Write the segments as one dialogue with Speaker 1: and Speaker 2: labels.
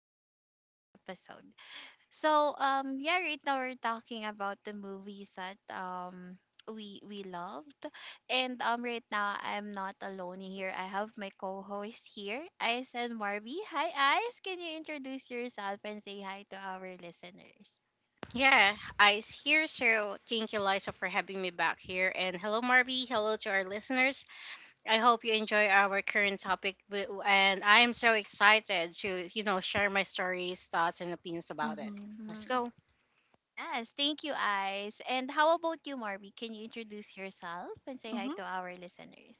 Speaker 1: get into today's episode. Right now we're talking about the movies that we love and right now, I'm not alone here. I have my co host here, Ice and Marby. Hi, Ice. Can you introduce yourself and say hi to our listeners?
Speaker 2: Yeah, Ice here. So thank you, Liza, for having me back here. And hello, Marby. Hello to our listeners. I hope you enjoy our current topic. And I am so excited to, share my stories, thoughts, and opinions about it.
Speaker 3: Mhm,
Speaker 1: Mm-hmm.
Speaker 2: Let's go.
Speaker 1: Yes, thank you, Ice. And how about you, Marby? Can you introduce yourself and say hi
Speaker 3: mhm.
Speaker 1: to our listeners?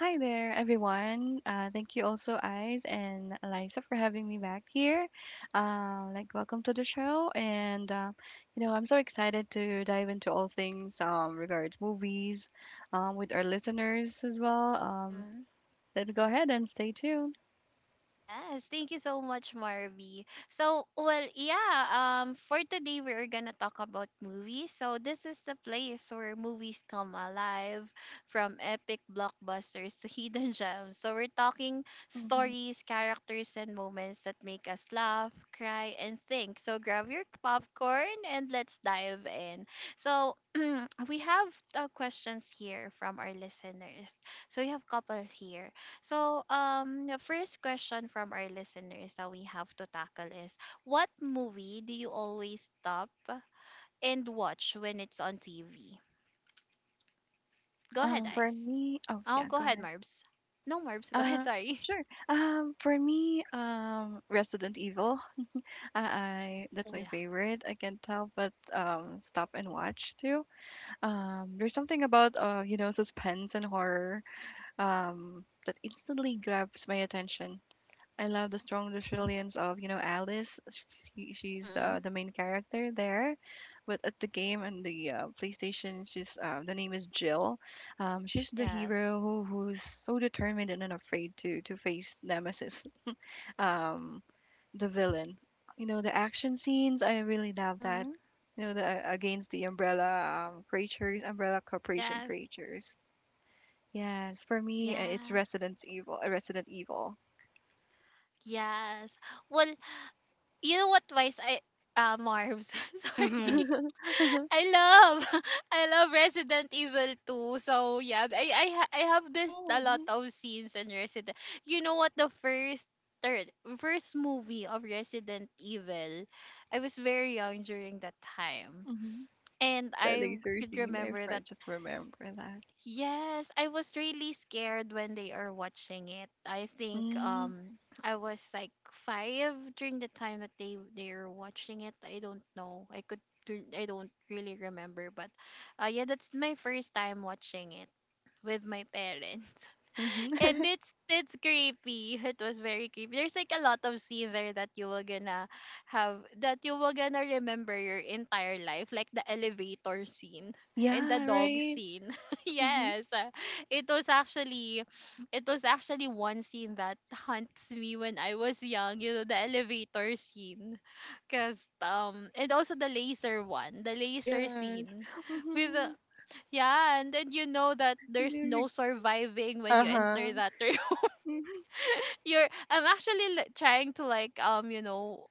Speaker 3: Hi there, everyone. Thank you also, Eyes and Eliza, for having me back here. Welcome to the show, and I'm so excited to dive into all things regards movies, with our listeners as well. Let's go ahead and stay tuned.
Speaker 1: Yes, thank you so much, Marby. For today we are gonna talk about movies. So this is the place where movies come alive, from epic blockbusters to hidden gems. So we're talking
Speaker 3: Hmm.
Speaker 1: stories, characters, and moments that make us laugh, cry, and think. So grab your popcorn and let's dive in. So we have questions here from our listeners. So we have couples here. So, the first question from our listeners that we have to tackle is what movie do you always stop and watch when it's on TV? Go ahead,
Speaker 3: For
Speaker 1: Ice.
Speaker 3: me, oh
Speaker 1: Oh,
Speaker 3: yeah,
Speaker 1: go
Speaker 3: go
Speaker 1: ahead,
Speaker 3: ahead.
Speaker 1: Marbs. No, Marbs. Go ahead,
Speaker 3: Uh,
Speaker 1: sorry.
Speaker 3: sure. For me, Resident Evil. I, that's
Speaker 1: Oh,
Speaker 3: my
Speaker 1: yeah.
Speaker 3: favorite. I can't tell, but stop and watch too. There's something about you know, suspense and horror that instantly grabs my attention. I love the strong
Speaker 1: Mm
Speaker 3: resilience of, you know, Alice. She's the
Speaker 1: hmm.
Speaker 3: main character there, but at the game and the PlayStation, she's the name is Jill. She's the
Speaker 1: Yes.
Speaker 3: hero who's so determined and unafraid to face Nemesis. Um, the villain. You know, the action scenes, I really
Speaker 1: Mm
Speaker 3: love that.
Speaker 1: hmm.
Speaker 3: You know, the against the Umbrella creatures, Umbrella Corporation
Speaker 1: Yes.
Speaker 3: creatures. Yes, for me, it's
Speaker 1: Yeah.
Speaker 3: Resident Evil. Resident Evil.
Speaker 1: Yes. Well, you know what, vice, I Marv's,
Speaker 2: Mm-hmm.
Speaker 1: sorry.
Speaker 3: oh,
Speaker 1: I love, I love Resident Evil 2. So yeah, I have this a lot of scenes in Resident. You know what, the third first movie of Resident Evil, I was very young during that time.
Speaker 3: mm-hmm.
Speaker 1: And
Speaker 3: The
Speaker 1: I
Speaker 3: laser
Speaker 1: could
Speaker 3: scene.
Speaker 1: remember that.
Speaker 3: Just remember that.
Speaker 1: Yes, I was really scared when they are watching it. I think
Speaker 3: Mm-hmm.
Speaker 1: I was like five during the time that they were watching it. I don't know. I don't really remember, but yeah, that's my first time watching it with my parents and it's creepy. It was very creepy. There's like a lot of scene there that you will gonna have, that you will gonna remember your entire life, like the elevator scene and the
Speaker 3: yeah,
Speaker 1: dog
Speaker 3: right.
Speaker 1: scene.
Speaker 3: Mm-hmm.
Speaker 1: Yes, it was actually, it was actually one scene that haunts me when I was young, you know, the elevator scene, cause and also the laser one, the laser
Speaker 3: Yes.
Speaker 1: scene with the,
Speaker 3: Mm-hmm.
Speaker 1: yeah, and then you know that
Speaker 3: You
Speaker 1: there's
Speaker 3: know, you.
Speaker 1: no surviving when
Speaker 3: Uh
Speaker 1: you enter
Speaker 3: huh.
Speaker 1: that room. You're I'm actually trying to like, you know,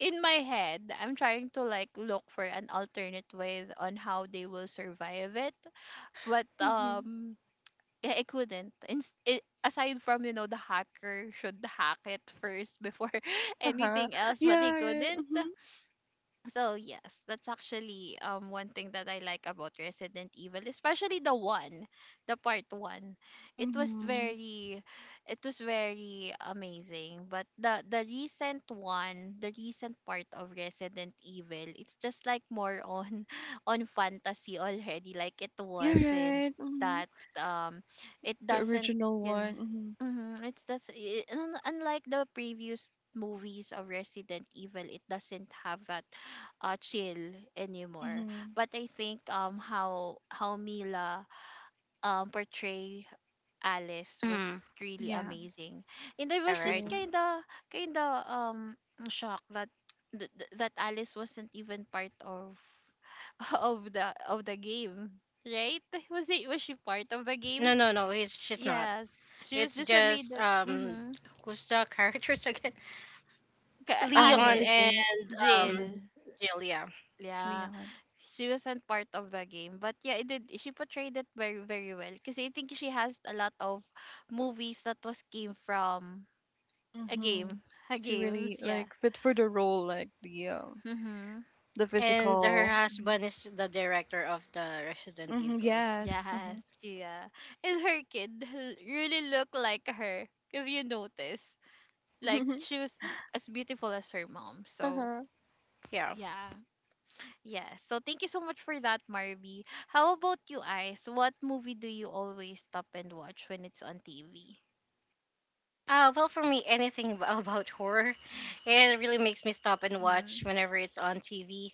Speaker 1: in my head I'm trying to like look for an alternate way on how they will survive it, but
Speaker 3: Mm-hmm.
Speaker 1: yeah, I couldn't. Aside from, you know, the hacker should hack it first before
Speaker 3: Uh huh.
Speaker 1: anything else, but
Speaker 3: Yeah,
Speaker 1: he
Speaker 3: right.
Speaker 1: couldn't. So yes, that's actually one thing that I like about Resident Evil, especially the one, the part one. It was
Speaker 3: Mm-hmm. Mm-hmm.
Speaker 1: very, it was very amazing. But the recent one, the recent part of Resident Evil, it's just like more on on fantasy already. Like it
Speaker 3: You're
Speaker 1: wasn't
Speaker 3: right. Mhm.
Speaker 1: that um, it
Speaker 3: The
Speaker 1: doesn't
Speaker 3: original
Speaker 1: yun.
Speaker 3: one. Mhm.
Speaker 1: Mm-hmm, it's that's I- un- unlike the previous movies of Resident Evil, it doesn't have that chill anymore.
Speaker 3: Mhm.
Speaker 1: But I think how Mila portray Alice was
Speaker 2: Mm-hmm.
Speaker 1: really
Speaker 3: Yeah,
Speaker 1: amazing, and I
Speaker 2: All
Speaker 1: was
Speaker 2: right.
Speaker 1: just
Speaker 3: true.
Speaker 1: kinda kinda shocked that that Alice wasn't even part of of the game, right? Was she part of the
Speaker 2: No,
Speaker 1: game?
Speaker 2: no, no. He's she's not.
Speaker 1: Yes, she was
Speaker 2: It's
Speaker 1: just a made
Speaker 2: just
Speaker 1: up. Mm-hmm.
Speaker 2: who's the characters again? Leon
Speaker 3: The
Speaker 1: Alice,
Speaker 2: and
Speaker 3: game.
Speaker 2: um,
Speaker 1: Jill.
Speaker 3: Mhm.
Speaker 2: Jill. Yeah,
Speaker 1: Yeah,
Speaker 3: Leon.
Speaker 1: she wasn't part of the game, but yeah, it did. She portrayed it very, very well. Because I think she has a lot of movies that was came from a game,
Speaker 3: Mhm.
Speaker 1: a
Speaker 3: To
Speaker 1: games.
Speaker 3: really
Speaker 1: Yeah.
Speaker 3: like fit for the role, like
Speaker 1: Mm-hmm.
Speaker 3: the
Speaker 2: and her
Speaker 3: physical. Mhm.
Speaker 2: husband is the director of the Resident
Speaker 3: Mhm,
Speaker 2: Evil.
Speaker 3: yes.
Speaker 1: Yes.
Speaker 3: Mhm.
Speaker 1: Yeah. And her kid really looked like her. If you notice, like she was as beautiful as her mom. So
Speaker 3: Uh-huh.
Speaker 2: Yeah.
Speaker 1: yeah, yeah. So thank you so much for that, Marby. How about you, Ice? What movie do you always stop and watch when it's on TV?
Speaker 2: Well, for me, anything about horror, it really makes me stop and
Speaker 1: Mhm.
Speaker 2: watch whenever it's on TV.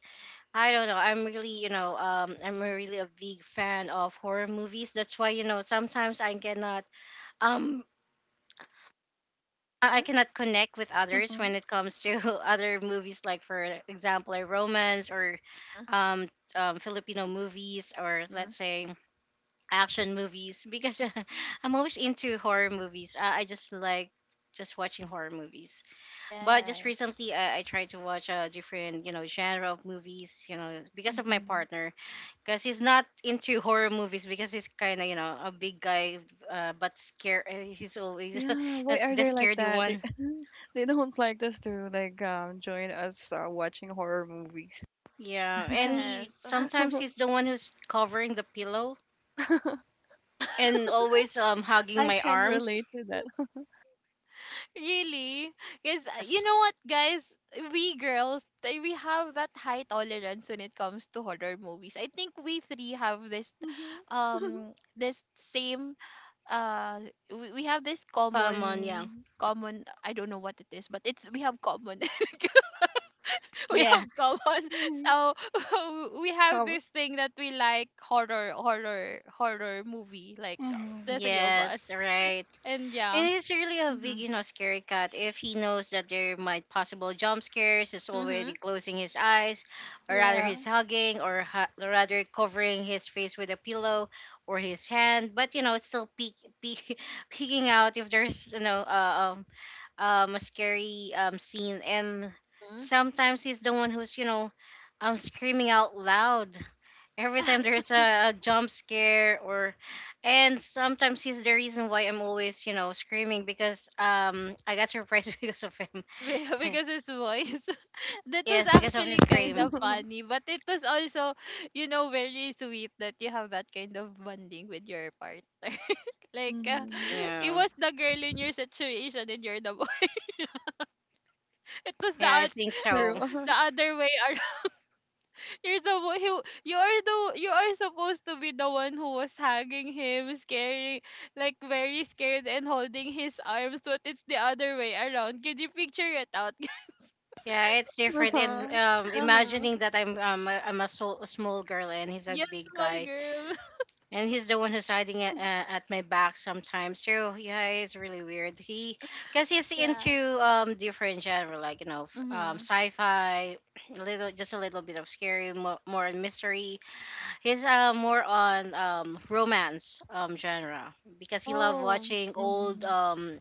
Speaker 2: I don't know. I'm really, I'm really a big fan of horror movies. That's why, sometimes I cannot, um, I
Speaker 1: Mhm.
Speaker 2: cannot connect with others
Speaker 3: Mhm.
Speaker 2: when it comes to other movies, like for example, a romance, or
Speaker 1: Huh.
Speaker 2: um, Filipino movies, or
Speaker 1: Mhm.
Speaker 2: let's say action movies because
Speaker 1: Mhm.
Speaker 2: I'm always into horror movies. I just like just watching horror movies. But just
Speaker 1: Yes.
Speaker 2: recently, I tried to watch a different, genre of movies, because of my
Speaker 3: Mhm.
Speaker 2: partner, because he's not into horror movies because he's kind of, a big guy, but scared. He's always
Speaker 3: Yeah. Why
Speaker 2: as
Speaker 3: are
Speaker 2: the
Speaker 3: they like
Speaker 2: scaredy
Speaker 3: that? They,
Speaker 2: one.
Speaker 3: they don't like us to like join us, watching horror movies.
Speaker 2: Yeah, and
Speaker 1: Yes.
Speaker 2: he's the one who's covering the pillow
Speaker 1: Yeah.
Speaker 2: and always hugging
Speaker 3: I
Speaker 2: my
Speaker 3: can
Speaker 2: arms.
Speaker 3: relate to that.
Speaker 1: Really? Because you
Speaker 2: Yes.
Speaker 1: know what, guys? We have that high tolerance when it comes to horror movies. I think we three have this,
Speaker 3: Mhm.
Speaker 1: this same. Uh, we have this
Speaker 2: Come on, yeah,
Speaker 1: common, common. I don't know what it is, but it's we have common. We
Speaker 2: yeah,
Speaker 1: have common,
Speaker 3: Mhm.
Speaker 1: so we have this thing that we like horror movie, like the
Speaker 3: Mhm.
Speaker 1: three of us,
Speaker 2: yes, right.
Speaker 1: and yeah.
Speaker 2: And it's really a big,
Speaker 1: Mhm,
Speaker 2: scary cut. If he knows that there might possible jump scares, is already
Speaker 1: mhm,
Speaker 2: closing his eyes, or rather
Speaker 3: Yeah.
Speaker 2: he's hugging, or rather covering his face with a pillow or his hand. But you know, it's still peek, peek, peeking out if there's a scary scene. And
Speaker 1: mhm,
Speaker 2: sometimes he's the one who's screaming out loud every
Speaker 1: yeah.
Speaker 2: time there's a jump scare. Or and sometimes he's the reason why I'm always, screaming because I got surprised because of him.
Speaker 1: be- because his voice that was
Speaker 2: Yes, because of his
Speaker 1: actually kind
Speaker 2: scream.
Speaker 1: of funny, but it was also, you know, very sweet that you have that kind of bonding with your partner. Like,
Speaker 3: Mhm.
Speaker 1: it
Speaker 2: Yeah.
Speaker 1: was the girl in your situation and you're the boy. it was the
Speaker 2: Yeah, I
Speaker 1: oth-
Speaker 2: think so.
Speaker 3: True.
Speaker 1: The other way. You're the one who, you are the, you are supposed to be the one who was hugging him, scaring, like very scared and holding his arms, but it's the other way around. Can you picture it out?
Speaker 2: Yeah, it's different. And
Speaker 3: Uh-huh.
Speaker 1: Uh-huh.
Speaker 2: imagining that I'm a, so, a small girl and he's a
Speaker 1: Yes,
Speaker 2: big
Speaker 1: small
Speaker 2: guy,
Speaker 1: girl.
Speaker 2: and he's the one who's hiding at my back sometimes. So yeah, it's really weird. Cause he's
Speaker 1: Yeah.
Speaker 2: into different genre, like
Speaker 1: Mm-hmm.
Speaker 2: sci-fi, a little, just a little bit of scary, more, more on mystery. He's more on romance genre because he love
Speaker 1: Oh,
Speaker 2: watching old
Speaker 3: Mhm.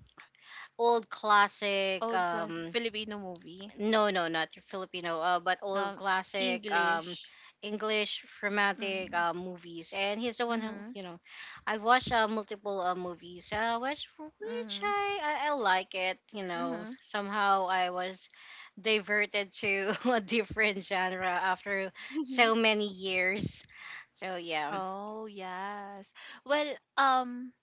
Speaker 2: old classic
Speaker 1: old class Filipino movie.
Speaker 2: no, no, not Filipino, but old
Speaker 1: Um,
Speaker 2: classic
Speaker 1: English.
Speaker 2: English romantic
Speaker 1: Mm.
Speaker 2: movies. And he's the one who,
Speaker 1: Mm-hmm.
Speaker 2: you know, I've watched multiple movies, which
Speaker 1: Mm-hmm.
Speaker 2: I like it. You know,
Speaker 1: Mm-hmm.
Speaker 2: Somehow I was diverted to a different genre after so many years. So, yeah.
Speaker 1: Oh yes. Well, um,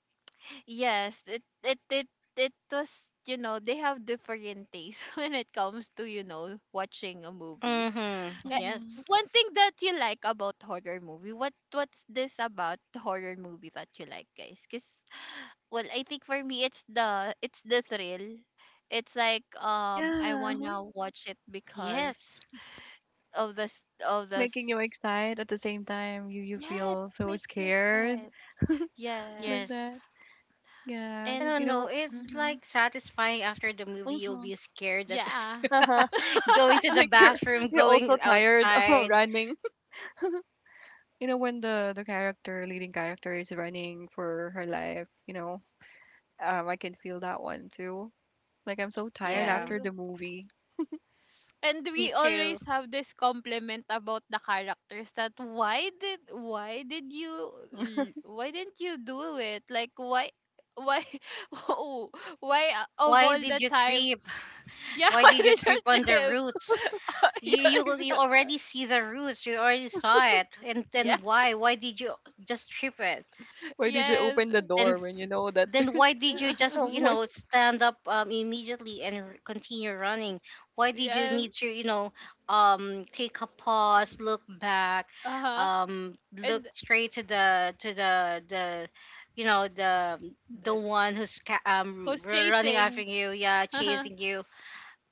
Speaker 1: Yes, it was you know, they have different tastes when it comes to, you know, watching a movie.
Speaker 2: Mm-hmm.
Speaker 1: Like,
Speaker 3: Mhm.
Speaker 2: Yes.
Speaker 1: one thing that you like about horror movie, what's this about the horror movie that you like, guys? Cause well, I think for me it's the, it's the thrill. It's like I
Speaker 3: Yeah. Mhm.
Speaker 1: wanna watch it because
Speaker 2: Yes.
Speaker 1: of the s- of the
Speaker 3: Making you
Speaker 1: s-
Speaker 3: excited at the same time you
Speaker 1: yeah, it
Speaker 3: feel so
Speaker 1: makes you
Speaker 3: scared
Speaker 1: excited.
Speaker 3: like
Speaker 1: Yes,
Speaker 2: Yes.
Speaker 3: that. Yeah.
Speaker 2: I don't
Speaker 1: and
Speaker 3: You
Speaker 2: know.
Speaker 3: know.
Speaker 2: It's
Speaker 1: mm-hmm,
Speaker 2: like satisfying after the movie. You'll
Speaker 3: Mhm.
Speaker 2: be scared that this
Speaker 1: yeah.
Speaker 3: Uh-huh.
Speaker 2: going to the
Speaker 3: Like
Speaker 2: bathroom,
Speaker 3: you're also
Speaker 2: going
Speaker 3: tired of
Speaker 2: outside.
Speaker 3: running. You know when the character leading character is running for her life. You know. I can feel that one too. Like I'm so tired
Speaker 1: Yes.
Speaker 2: Yeah,
Speaker 3: after the movie.
Speaker 1: And
Speaker 2: me
Speaker 1: we
Speaker 2: too.
Speaker 1: always have this compliment about the characters, that why did you why didn't you do it, like why, oh, why, of
Speaker 2: Why
Speaker 1: all
Speaker 2: did
Speaker 1: the
Speaker 2: you
Speaker 1: time,
Speaker 2: trip?
Speaker 1: yeah.
Speaker 2: Why
Speaker 1: Why
Speaker 2: did you
Speaker 1: did you
Speaker 2: trip on the
Speaker 1: trip?
Speaker 2: roots? You
Speaker 1: Yeah,
Speaker 2: you you
Speaker 1: exactly.
Speaker 2: already see the roots. You already saw it, and
Speaker 1: Yeah,
Speaker 2: then why? Why did you just trip it?
Speaker 3: Why did you
Speaker 1: yes.
Speaker 3: open the
Speaker 2: Then
Speaker 3: door when you know that
Speaker 2: then
Speaker 3: there's.
Speaker 2: why did you just
Speaker 3: Someone.
Speaker 2: stand up immediately and continue running? Why did you
Speaker 1: Yes,
Speaker 2: need to take a pause, look back,
Speaker 1: uh-huh,
Speaker 2: um look
Speaker 1: and
Speaker 2: straight to the you know the the
Speaker 1: th-
Speaker 2: one who's
Speaker 1: who's
Speaker 2: running after
Speaker 1: chasing.
Speaker 2: you, yeah,
Speaker 1: Uh-huh.
Speaker 2: chasing you,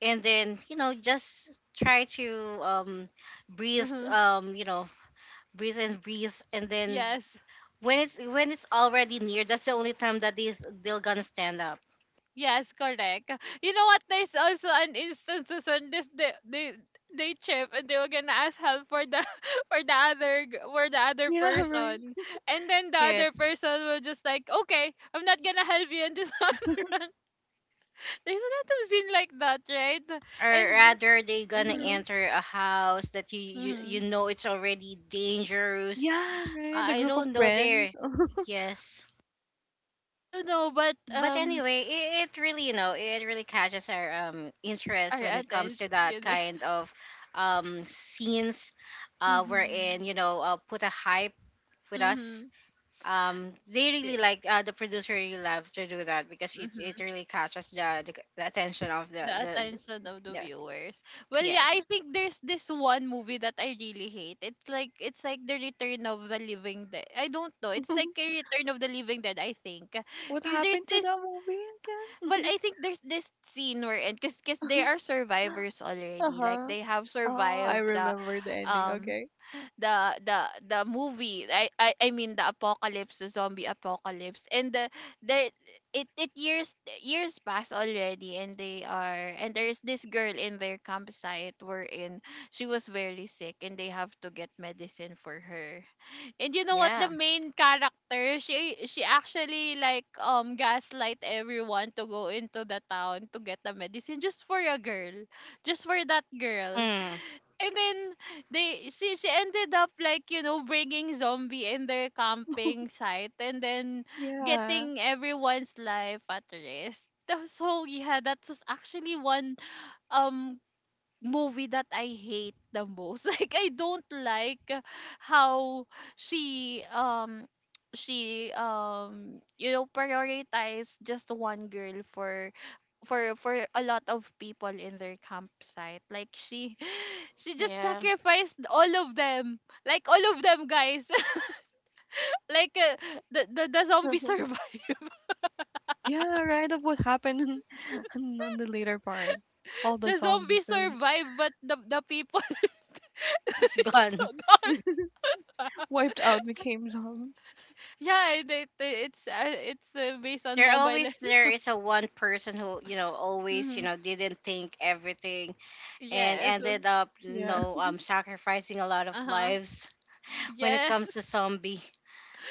Speaker 2: and then just try to um breathe,
Speaker 1: Mhm,
Speaker 2: breathe and breathe, and then
Speaker 1: yes.
Speaker 2: when it's already near, that's the only time that they're gonna stand up.
Speaker 1: Yes, correct. You know what? There's also an instances when this they trip and they were gonna ask help for the for the for the other
Speaker 3: Yeah, right.
Speaker 1: person, and then the
Speaker 2: Yes,
Speaker 1: other person will just like, okay, I'm not gonna help you, and this one run. There's a lot of scene like that, right?
Speaker 2: or
Speaker 1: And
Speaker 2: rather they gonna
Speaker 1: mm-hmm,
Speaker 3: True.
Speaker 2: enter a house that you
Speaker 1: mm-hmm.
Speaker 2: know it's already dangerous.
Speaker 3: Yeah, right. The
Speaker 2: I
Speaker 3: group of
Speaker 2: don't know
Speaker 3: friends.
Speaker 2: there Yes,
Speaker 1: I don't know, but
Speaker 2: but anyway, it really you know it really catches our interest
Speaker 1: our
Speaker 2: when it
Speaker 1: attention,
Speaker 2: comes to that
Speaker 1: gonna
Speaker 2: kind of scenes, wherein
Speaker 3: Hmm.
Speaker 2: put a hype with us. They really like, the producer really love to do that because it
Speaker 1: mm-hmm,
Speaker 2: really catches the attention of the
Speaker 1: the
Speaker 2: the, the
Speaker 1: attention of the
Speaker 2: yeah.
Speaker 1: viewers. Well, yeah, I
Speaker 2: Yes.
Speaker 1: think there's this one movie that I really hate. It's like the Return of the Living Dead. I don't know. It's like a Return of the Living Dead. I think
Speaker 3: What
Speaker 1: because there's
Speaker 3: happened to
Speaker 1: this.
Speaker 3: that movie
Speaker 1: Well,
Speaker 3: again?
Speaker 1: I think there's this scene where, and because they are survivors already. Like
Speaker 3: uh-huh.
Speaker 1: they have
Speaker 3: Oh, I
Speaker 1: survived the,
Speaker 3: remember the ending.
Speaker 1: um,
Speaker 3: Okay.
Speaker 1: the the the movie, I mean the apocalypse, the zombie apocalypse, and the it it years years pass already, and they are, and there's this girl in their campsite wherein she was very sick and they have to get medicine for her. And you know what, the
Speaker 2: Yeah.
Speaker 1: main character, she actually like gaslight everyone to go into the town to get the medicine just for a girl, just for that girl.
Speaker 2: Mm.
Speaker 1: And then they she ended up, like, you know, bringing zombie in their camping site, and then
Speaker 3: Yeah.
Speaker 1: getting everyone's life at risk. So yeah, that's actually one um movie that I hate the most. Like I don't like how she um she you know, prioritize just one girl for a lot of people in their campsite. Like she she just
Speaker 2: Yeah.
Speaker 1: sacrificed all of them, like all of them, guys. Like the zombie survived.
Speaker 3: Yeah, right. Of what happened in- on the later part. All the
Speaker 1: The zombie
Speaker 3: zombies are
Speaker 1: survived, but the people
Speaker 2: It's
Speaker 1: it's so
Speaker 2: gone.
Speaker 1: gone.
Speaker 3: wiped out, became zombies.
Speaker 1: Yeah, it's based on
Speaker 2: There
Speaker 1: mobile
Speaker 2: always
Speaker 1: legends.
Speaker 2: there is a one person who always
Speaker 1: Hmm,
Speaker 2: didn't think everything and
Speaker 1: yes,
Speaker 2: ended up
Speaker 3: Yeah.
Speaker 2: sacrificing a lot of
Speaker 1: uh-huh,
Speaker 2: lives when it comes
Speaker 1: yes.
Speaker 2: to zombie.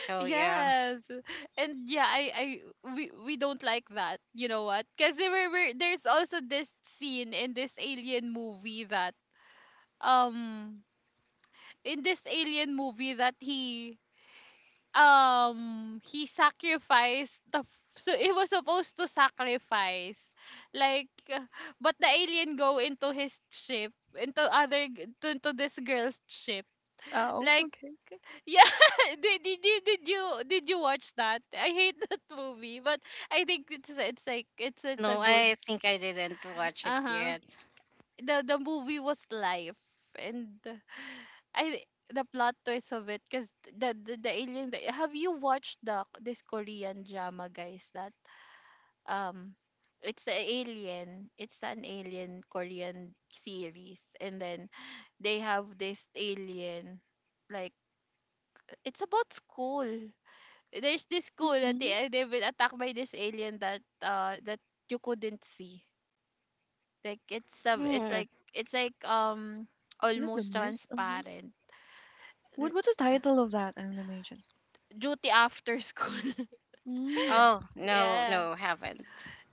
Speaker 2: So yeah.
Speaker 1: Yes. And yeah, I we don't like that. You know what? Cuz there's also this scene in this alien movie that um in this alien movie that he sacrificed so he was supposed to sacrifice, like, but the alien go into his ship into into this girl's ship
Speaker 3: Oh,
Speaker 1: like.
Speaker 3: okay.
Speaker 1: Yeah, did you watch that? I hate that movie, but I think it's like it's
Speaker 2: No,
Speaker 1: a good,
Speaker 2: I think I didn't watch it
Speaker 1: uh huh.
Speaker 2: yet.
Speaker 1: The movie was life, and I the plot twist of it, because the alien. The, have you watched the this Korean drama, guys? That um, it's an alien. It's an alien Korean series, and then they have this alien. Like it's about school, there's this school that they
Speaker 3: Mm-hmm.
Speaker 1: they've been attacked by this alien that that you couldn't see. Like it's uh, it's
Speaker 2: Hmm.
Speaker 1: like it's like um
Speaker 3: Is it the
Speaker 1: almost
Speaker 3: mist? Uh-huh.
Speaker 1: transparent.
Speaker 3: What
Speaker 1: N-
Speaker 3: what's the title of that animation?
Speaker 1: Duty after school.
Speaker 3: Mm,
Speaker 2: Oh, no,
Speaker 1: Yeah.
Speaker 2: no, haven't.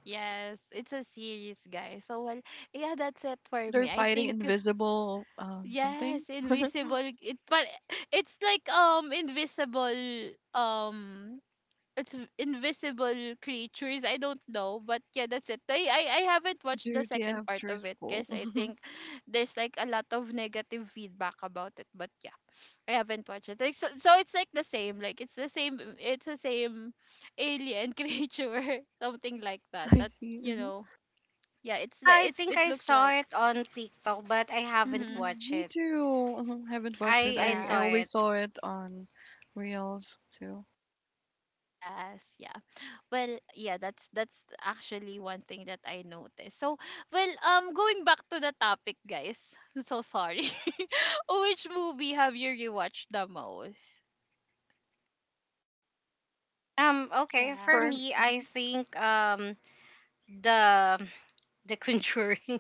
Speaker 1: Yes, it's a series, guys. So well, yeah, that's it for me.
Speaker 3: they're
Speaker 1: I
Speaker 3: fighting
Speaker 1: think
Speaker 3: invisible something.
Speaker 1: yes, invisible. It but it's like invisible um it's invisible creatures. I don't know, but yeah, that's it. I haven't watched the
Speaker 3: Duty
Speaker 1: second part
Speaker 3: after
Speaker 1: of it
Speaker 3: school.
Speaker 1: because I
Speaker 3: Mhm.
Speaker 1: think there's like a lot of negative feedback about it. But yeah, I haven't watched it. Like, so it's like the same. Like it's the same. It's the same alien creature, something like that.
Speaker 3: I
Speaker 1: That
Speaker 3: see.
Speaker 1: you
Speaker 3: Mhm.
Speaker 1: know, yeah. It's the
Speaker 2: I
Speaker 1: it
Speaker 2: think
Speaker 1: it
Speaker 2: I
Speaker 1: looks
Speaker 2: saw
Speaker 1: like.
Speaker 2: it on TikTok, but I haven't
Speaker 1: Mm-hmm.
Speaker 3: Mhm.
Speaker 2: watched
Speaker 3: Me
Speaker 2: it.
Speaker 3: too. Mhm. Haven't watched it.
Speaker 2: I
Speaker 3: I
Speaker 2: saw
Speaker 1: Yeah.
Speaker 2: it.
Speaker 3: always saw it on Reels too.
Speaker 1: Yes. Yeah. Well, yeah, that's actually one thing that I noticed. So, well, going back to the topic, guys. So sorry. Which movie have you rewatched the most?
Speaker 2: Okay. For
Speaker 1: Yeah,
Speaker 3: For
Speaker 2: me, I
Speaker 3: mhm.
Speaker 2: think the the Conjuring,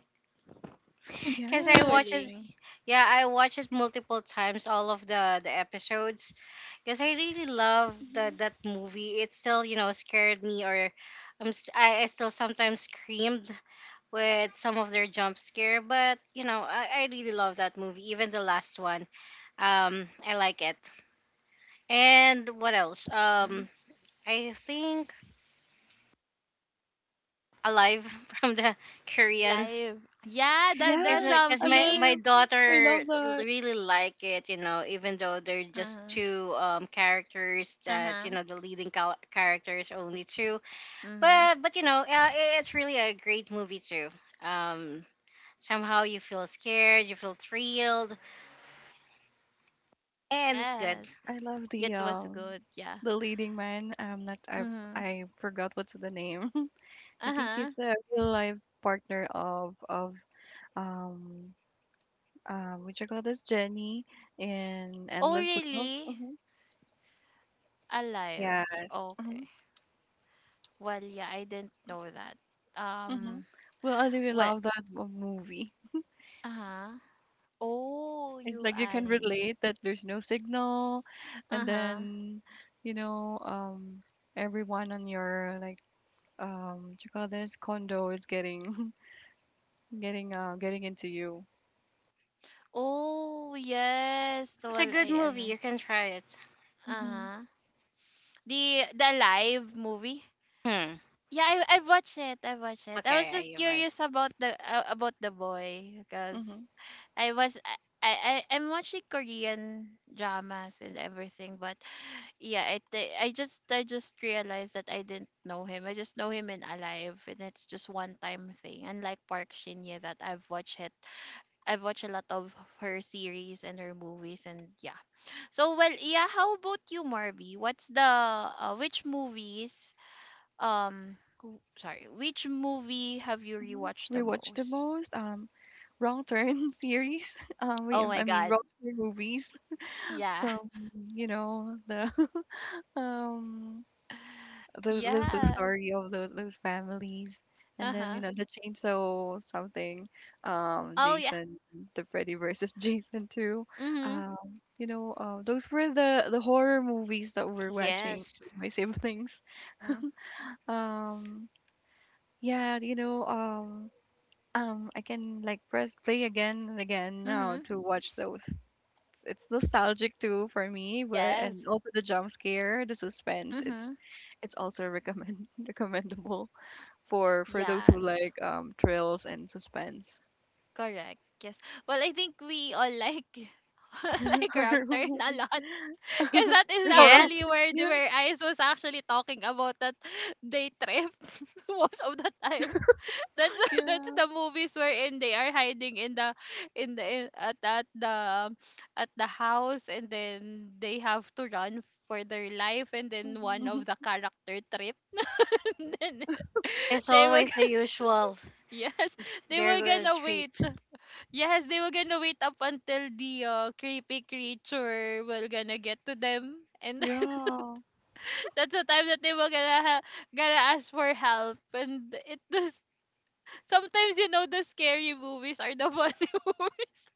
Speaker 3: Oh
Speaker 2: because I
Speaker 3: yeah, it's
Speaker 2: watched it.
Speaker 1: Conjuring.
Speaker 2: Yeah, I watched it multiple times. All of the episodes, because I really love
Speaker 3: mhm.
Speaker 2: that movie. It still you know scared me, or I still sometimes screamed with some of their jump scare. But you know, I really love that movie. Even the last one. I like it. And what else?
Speaker 1: Mm-hmm.
Speaker 2: I think Alive from the Korean.
Speaker 1: Alive. Yeah,
Speaker 3: Oh
Speaker 1: the
Speaker 2: Cause,
Speaker 3: yeah,
Speaker 2: cause
Speaker 3: I
Speaker 1: zombie.
Speaker 2: my
Speaker 3: love I
Speaker 2: daughter
Speaker 3: love that.
Speaker 2: really like it, you know, even though they're
Speaker 1: Uh
Speaker 2: just
Speaker 1: huh.
Speaker 2: two characters
Speaker 1: Uh
Speaker 2: that,
Speaker 1: huh.
Speaker 2: you know, the leading characters are only two.
Speaker 1: Mm-hmm.
Speaker 2: But you know, it's really a great movie too. Um, somehow you feel scared, you feel thrilled, and it's good.
Speaker 1: Yes,
Speaker 3: I love
Speaker 1: it was good. Yeah.
Speaker 3: the leading man. Not I
Speaker 1: Mm-hmm.
Speaker 3: forgot what's the name. I
Speaker 1: Uh
Speaker 3: think he's
Speaker 1: huh.
Speaker 3: the real life partner of um which I call this Jenny in
Speaker 1: Oh
Speaker 3: Endless Love.
Speaker 1: really?
Speaker 3: Mhm. Yeah.
Speaker 1: Alive.
Speaker 3: Mm-hmm.
Speaker 1: Okay. Well, yeah, I didn't know that.
Speaker 3: Mhm.
Speaker 1: Um.
Speaker 3: Well, I really
Speaker 1: Well,
Speaker 3: love that movie.
Speaker 1: uh-huh. Oh,
Speaker 3: It's
Speaker 1: you
Speaker 3: like you can
Speaker 1: alin.
Speaker 3: relate that there's no signal, and
Speaker 1: Uh-huh.
Speaker 3: then, you know, everyone on your like, what you call this condo is getting, getting, getting into you.
Speaker 1: Oh, yes. Well,
Speaker 2: It's a good
Speaker 1: I
Speaker 2: movie. You
Speaker 1: ano.
Speaker 2: can try it.
Speaker 3: Mm-hmm.
Speaker 1: Uh-huh. The live movie.
Speaker 2: Hmm.
Speaker 1: Yeah, I've watched it. I've watched it. I was
Speaker 2: Okay, are
Speaker 1: just
Speaker 2: you right?
Speaker 1: curious about the boy because
Speaker 3: Mm-hmm.
Speaker 1: I was I, I'm watching Korean dramas and everything, but yeah, I just realized that I didn't know him. I just know him in Alive, and it's just one time thing. Unlike Park Shin Ye that I've watched it, I've watched a lot of her series and her movies, and yeah. So well, yeah. How about you, Marby? What's the which movies? Sorry, which movie have you rewatched
Speaker 3: Mm-hmm.
Speaker 1: the
Speaker 3: Rewatch the
Speaker 1: most?
Speaker 3: most, Wrong Turn series.
Speaker 1: Oh my
Speaker 3: I mean,
Speaker 1: God,
Speaker 3: Wrong Turn movies
Speaker 1: yeah,
Speaker 3: from, you know, the um those
Speaker 1: yes.
Speaker 3: story of those families and
Speaker 1: Uh
Speaker 3: then you
Speaker 1: huh.
Speaker 3: know the chainsaw something,
Speaker 1: Oh yeah.
Speaker 3: Jason, the Freddy versus Jason too,
Speaker 1: Mhm.
Speaker 3: um you know, those were the horror movies that we're watching
Speaker 2: Yes.
Speaker 3: with my siblings,
Speaker 1: Mhm.
Speaker 3: um yeah, you know, I can like press play again and again now
Speaker 1: Mhm.
Speaker 3: to watch those. It's nostalgic too for me, but
Speaker 1: Yes.
Speaker 3: and also the jump scare, the suspense,
Speaker 1: Mhm.
Speaker 3: it's also recommend, recommendable for those who
Speaker 1: Yes.
Speaker 3: like thrills and suspense.
Speaker 1: Correct. Yes. Well, I think we all like like Wrong
Speaker 3: horror
Speaker 1: Turn a
Speaker 3: movie.
Speaker 1: lot. Because that is
Speaker 3: horror.
Speaker 1: actually
Speaker 2: Yes.
Speaker 1: where
Speaker 3: Yeah.
Speaker 1: where Ice was actually talking about that day trip most of the time. That's
Speaker 3: Yeah.
Speaker 1: the movies wherein they are hiding in in the in, at at the um, at the house and then they have to run for their life and then one of the
Speaker 3: Mhm.
Speaker 1: character trip and then
Speaker 2: It's
Speaker 1: they will
Speaker 2: always the
Speaker 1: g-
Speaker 2: usual.
Speaker 1: yes, they
Speaker 2: They're
Speaker 1: will
Speaker 2: going to
Speaker 1: gonna
Speaker 2: trip.
Speaker 1: wait. Yes, they were gonna wait up until the creepy creature will gonna get to them, and
Speaker 3: yeah.
Speaker 1: that's the time that they were gonna ask for help. And it does sometimes, you know, the scary movies are the funny movies.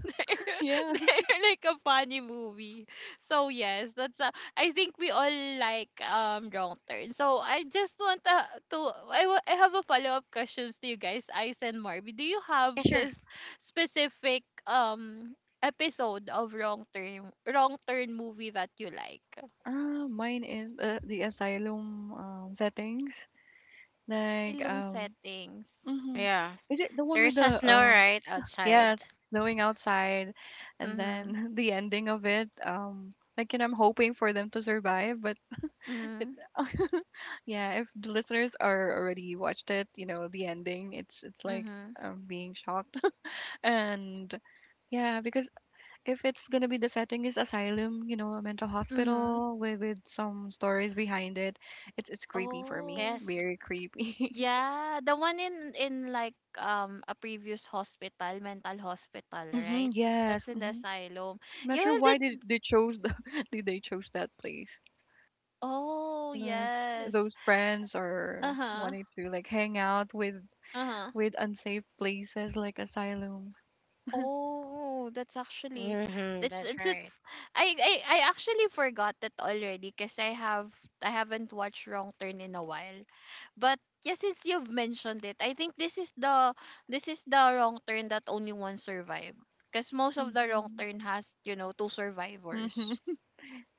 Speaker 3: Yeah.
Speaker 1: They're like a funny movie. So yes, that's a, I think we all like Wrong Turn. So I just want to, I have a follow up questions to you guys, Ice and Marby. Do you have
Speaker 2: Yeah, sure.
Speaker 1: this specific episode of Wrong Turn movie that you like?
Speaker 3: Mine is the asylum settings, like
Speaker 1: Asylum settings.
Speaker 3: mhm.
Speaker 2: Yeah.
Speaker 3: Is it the one with
Speaker 2: There's a
Speaker 3: the
Speaker 2: snow right outside.
Speaker 3: yeah, snowing outside and
Speaker 1: Mhm.
Speaker 3: then the ending of it, like, you know, I'm hoping for them to survive but
Speaker 1: Mhm.
Speaker 3: yeah. If the listeners are already watched it, you know, the ending, it's like
Speaker 1: Mhm.
Speaker 3: being shocked. And yeah, because if it's gonna be the setting is asylum, you know, a mental
Speaker 1: Mhm.
Speaker 3: hospital with some stories behind it, it's creepy for me.
Speaker 1: Oh.
Speaker 2: Yes.
Speaker 3: Very creepy.
Speaker 1: Yeah, the one in like a previous hospital, mental hospital,
Speaker 3: hmm,
Speaker 1: right?
Speaker 3: yes.
Speaker 1: That's in the
Speaker 3: Hmm.
Speaker 1: asylum.
Speaker 3: I'm not
Speaker 1: Yeah,
Speaker 3: sure
Speaker 1: well,
Speaker 3: why
Speaker 1: that's
Speaker 3: they chose the, did they chose that place.
Speaker 1: oh
Speaker 3: Like
Speaker 1: yes.
Speaker 3: those friends are
Speaker 1: Uh-huh.
Speaker 3: wanting to like hang out
Speaker 1: Uh-huh.
Speaker 3: with unsafe places like asylum.
Speaker 1: Oh, that's actually
Speaker 2: Mm-hmm.
Speaker 1: that's
Speaker 2: That's right.
Speaker 1: it's I actually forgot that already because I haven't watched Wrong Turn in a while. But yeah, since you've mentioned it, I think this is the Wrong Turn that only one survived. Because most of the Wrong
Speaker 3: Mhm.
Speaker 1: Turn has, you know, two
Speaker 3: Mhm.
Speaker 1: survivors.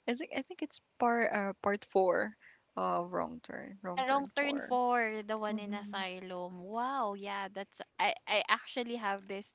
Speaker 3: I think it's part part four, wrong turn
Speaker 1: Ah, Wrong Turn
Speaker 3: four.
Speaker 1: 4, the one in
Speaker 3: Mhm.
Speaker 1: Asylum. Wow, yeah, that's, I actually have this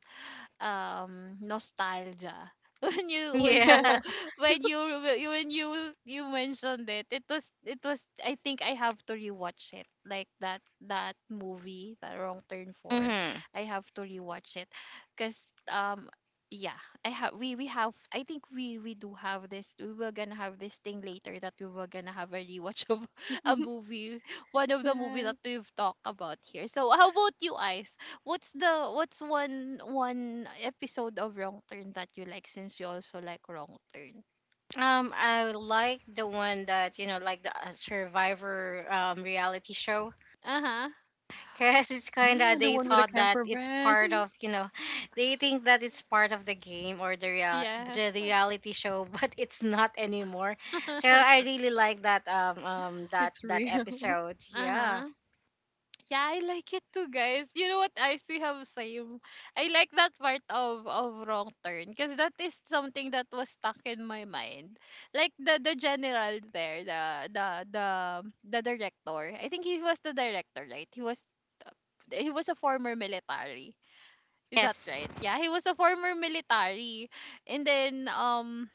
Speaker 1: nostalgia when you when
Speaker 2: Yeah.
Speaker 3: Yeah.
Speaker 1: you when you when you mentioned it, it was, I think I have to rewatch it, like that movie, the Wrong Turn 4.
Speaker 2: Mm-hmm.
Speaker 1: I have to rewatch it cuz yeah, I have we have, I think we do have this, we were gonna have this thing later that we were gonna have a rewatch of a movie, one of the movie
Speaker 3: Yeah.
Speaker 1: that we've talked about here. So how about you, Ice? What's the, what's one episode of Wrong Turn that you like since you also like Wrong Turn?
Speaker 2: I like the one that you know, like the, Survivor reality show,
Speaker 1: Uh-huh.
Speaker 2: because it's kind of
Speaker 3: Yeah, the
Speaker 2: they
Speaker 3: one with the
Speaker 2: thought that
Speaker 3: camper
Speaker 2: it's
Speaker 3: van.
Speaker 2: part of you know, they think that it's part of the game or the real
Speaker 1: Yes.
Speaker 2: the reality show, but it's not anymore. So I really like that
Speaker 3: It's
Speaker 2: that
Speaker 3: real.
Speaker 2: episode. Yeah.
Speaker 1: Uh-huh. Yeah, I like it too, guys. You know what? I still have same. I like that part of Wrong Turn because that is something that was stuck in my mind. Like the general there, the the the director. I think he was the director, right? He was a former military. Is that
Speaker 2: Yes,
Speaker 1: right? Yeah, he was a former military. And then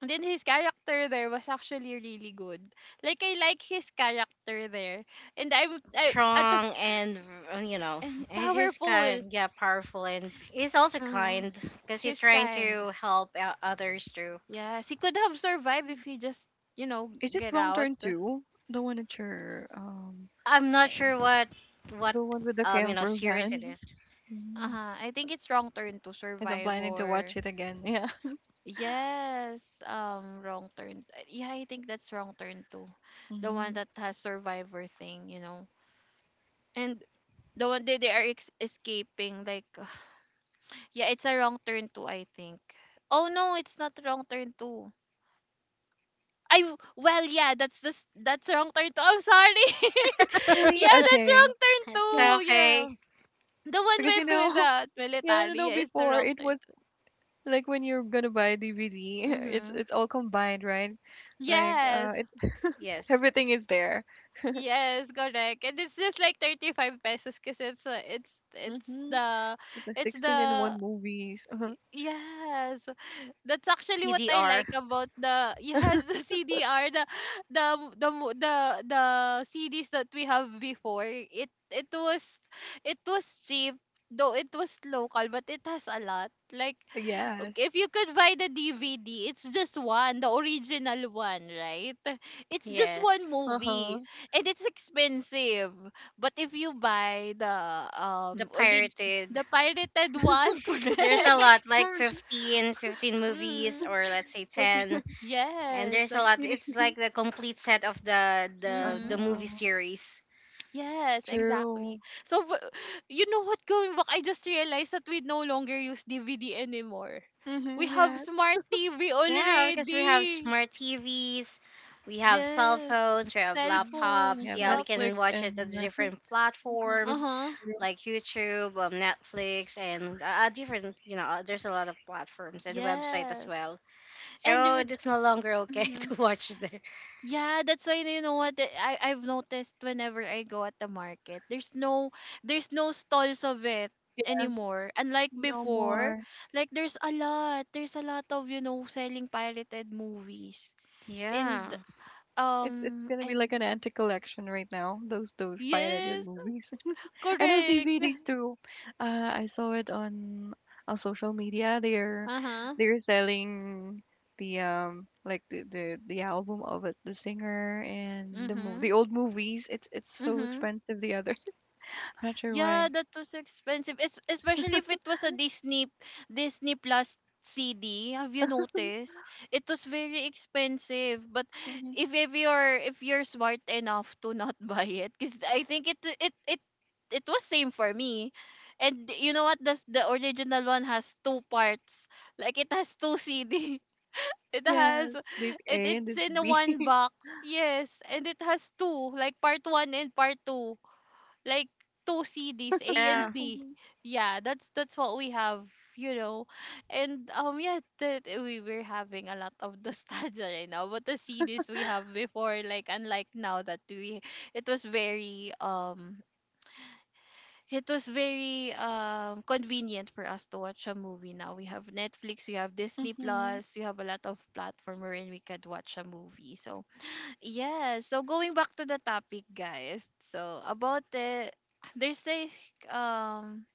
Speaker 1: his character there was actually really good. Like I like his character there. And I'm I at the
Speaker 2: strong and, you know,
Speaker 1: and
Speaker 2: and he's
Speaker 1: powerful.
Speaker 2: kind, yeah, powerful, and he's also
Speaker 1: Uh,
Speaker 2: kind because he's
Speaker 1: his
Speaker 2: trying
Speaker 1: kind.
Speaker 2: to help others too.
Speaker 1: Yes, he could have survived if he just, you know,
Speaker 3: Is it
Speaker 1: get
Speaker 3: wrong
Speaker 1: out.
Speaker 3: turn two? The one that you're.
Speaker 2: I'm not
Speaker 1: And
Speaker 2: sure what
Speaker 3: The one with the
Speaker 2: you know
Speaker 3: camper
Speaker 2: series it
Speaker 3: van.
Speaker 2: is.
Speaker 3: Mm.
Speaker 1: I think it's Wrong Turn to
Speaker 3: Because I'm
Speaker 1: Survive,
Speaker 3: planning to
Speaker 1: or
Speaker 3: watch it again. Yeah.
Speaker 1: yes, Wrong Turn. Yeah, I think that's Wrong Turn too. The one
Speaker 3: Mm.
Speaker 1: that has survivor thing, you know. And the one that they are escaping, like yeah, it's a Wrong Turn too, I think. Oh no, it's not Wrong Turn two. Well yeah, that's Wrong Turn two. I'm sorry. Yeah,
Speaker 3: Really?
Speaker 1: that's
Speaker 3: Okay.
Speaker 1: Wrong Turn
Speaker 2: It's
Speaker 3: Yeah.
Speaker 1: two. Yeah,
Speaker 2: okay.
Speaker 1: the one
Speaker 3: Because you
Speaker 1: with
Speaker 3: know,
Speaker 1: the
Speaker 3: yeah, I don't
Speaker 1: military.
Speaker 3: know,
Speaker 1: Yeah, it's the
Speaker 3: before
Speaker 1: Wrong
Speaker 3: it was
Speaker 1: Turn two.
Speaker 3: like when you're gonna buy a DVD,
Speaker 1: Mm-hmm.
Speaker 3: it's all combined, right? Like
Speaker 1: Yes,
Speaker 3: uh,
Speaker 2: Yes,
Speaker 3: everything is there.
Speaker 1: yes, correct. And it's just like 35 pesos because
Speaker 3: Mm-hmm. The
Speaker 1: it's
Speaker 3: 16 in
Speaker 1: the
Speaker 3: one movies. Uh-huh.
Speaker 1: yes. That's actually what I
Speaker 2: TDR.
Speaker 1: like about the yes, the CDR, the the mo- the CDs that we have before. It was, it was cheap, though it was local, but it has a lot. Like,
Speaker 3: Yeah.
Speaker 1: okay, if you could buy the DVD, it's just one, the original one, right? It's just
Speaker 2: Yes,
Speaker 1: one movie,
Speaker 3: Uh-huh.
Speaker 1: and it's expensive. But if you buy the
Speaker 2: the
Speaker 1: um orig-
Speaker 2: pirated.
Speaker 1: the pirated one.
Speaker 2: There's a
Speaker 3: Oh,
Speaker 1: Correct.
Speaker 2: lot like
Speaker 3: aren't you-
Speaker 2: 15, 15 movies,
Speaker 1: Hmm,
Speaker 2: or let's say
Speaker 3: what you
Speaker 2: 10, and
Speaker 1: yes.
Speaker 2: there's a lot,
Speaker 3: you need?
Speaker 2: it's like the complete set of the the
Speaker 1: Mm-hmm.
Speaker 2: the movie
Speaker 3: Uh-huh.
Speaker 2: series.
Speaker 1: Yes, exactly.
Speaker 3: True.
Speaker 1: So, you know what, going back, I just realized that we no longer use DVD anymore. We
Speaker 3: Mm-hmm.
Speaker 1: have
Speaker 3: Yeah.
Speaker 1: smart TV
Speaker 2: Yeah, because we have
Speaker 1: already.
Speaker 2: smart TVs, we have cell
Speaker 1: Yes.
Speaker 2: phones, we have
Speaker 1: Cell
Speaker 3: Mm-hmm. You
Speaker 1: phones,
Speaker 2: laptops.
Speaker 3: have
Speaker 2: Yeah, we
Speaker 1: lap.
Speaker 3: Netflix
Speaker 2: can watch it at
Speaker 3: and
Speaker 2: different
Speaker 3: mhm,
Speaker 1: Uh
Speaker 2: platforms
Speaker 1: huh.
Speaker 3: true.
Speaker 2: like YouTube, Netflix, and, different, you know, there's a lot of platforms and website as
Speaker 1: Yes.
Speaker 2: well.
Speaker 1: And you
Speaker 2: So it's no longer okay
Speaker 1: would.
Speaker 2: to watch there.
Speaker 1: Yeah, that's why, you know what, I've noticed whenever I go at the market, there's no, there's no stalls of it
Speaker 3: Yes.
Speaker 1: anymore. Unlike
Speaker 3: No
Speaker 1: before,
Speaker 3: more.
Speaker 1: like there's a lot of, you know, selling pirated movies
Speaker 2: Yeah.
Speaker 1: and
Speaker 3: It's
Speaker 1: um
Speaker 3: gonna be like
Speaker 1: and
Speaker 3: an anti collection right now. Those pirated
Speaker 1: yes,
Speaker 3: movies. I know they
Speaker 1: correct.
Speaker 3: really do. I saw it on social media.
Speaker 1: Uh huh.
Speaker 3: They're selling the like the the album of it, the singer and the mov
Speaker 1: Mhm.
Speaker 3: the old movies. It's so
Speaker 1: Mhm.
Speaker 3: expensive. The other, I'm not sure
Speaker 1: Yeah,
Speaker 3: why.
Speaker 1: that was expensive. Especially if it was a Disney Plus CD. Have you noticed? It was very expensive. But
Speaker 3: Hmm.
Speaker 1: if you're, if you're smart enough to not buy it, because I think it was same for me. And you know what? The original one has two parts. Like it has two CD. It
Speaker 3: Yes,
Speaker 1: has
Speaker 3: this
Speaker 1: it
Speaker 3: A and
Speaker 1: it's
Speaker 3: this
Speaker 1: in
Speaker 3: B.
Speaker 1: one box. Yes, and it has two, like part one and part two, like two CDs, A
Speaker 2: Yeah.
Speaker 1: and B.
Speaker 3: hmm.
Speaker 1: Yeah, that's what we have, you know. And yeah, that we were having a lot of nostalgia right now. But the CDs we have before, like unlike now that we, it was very um it was very convenient for us to watch a movie now. We have Netflix, we have Disney
Speaker 3: Hmm.
Speaker 1: Plus, we have a lot of platform wherein we could watch a movie. So yes. So going back to the topic, guys. So about the there's um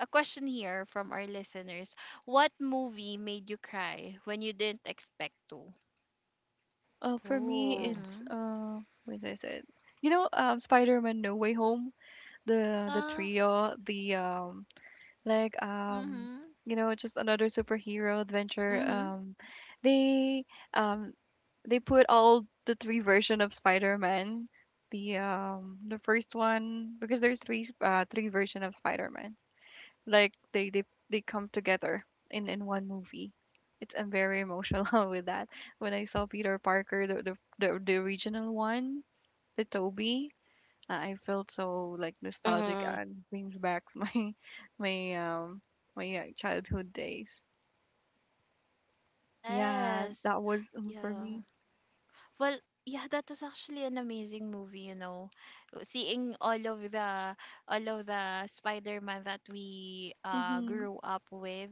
Speaker 1: a question here from our listeners. What movie made you cry when you didn't expect to?
Speaker 3: For me,
Speaker 2: Ooh.
Speaker 3: it's
Speaker 1: Mhm.
Speaker 3: what did I it? You know, Spider-Man: No Way Home. The
Speaker 1: Yeah.
Speaker 3: trio, the like um
Speaker 1: Mhm.
Speaker 3: you know, just another superhero adventure.
Speaker 1: Mhm.
Speaker 3: They um they put all the three version of Spider-Man, the first one, because there's three three version of Spider-Man. Like they come together in one movie. It's I'm very emotional with that. When I saw Peter Parker, the the original one, the Toby, I felt so like nostalgic
Speaker 2: Hmm.
Speaker 3: and brings back my my um childhood days. Yeah,
Speaker 1: Yes.
Speaker 3: that was, for
Speaker 1: Yeah.
Speaker 3: me.
Speaker 1: Well, yeah, that was actually an amazing movie, you know. Seeing all of the, all of the Spider-Man that we
Speaker 3: Hmm.
Speaker 1: grew up with,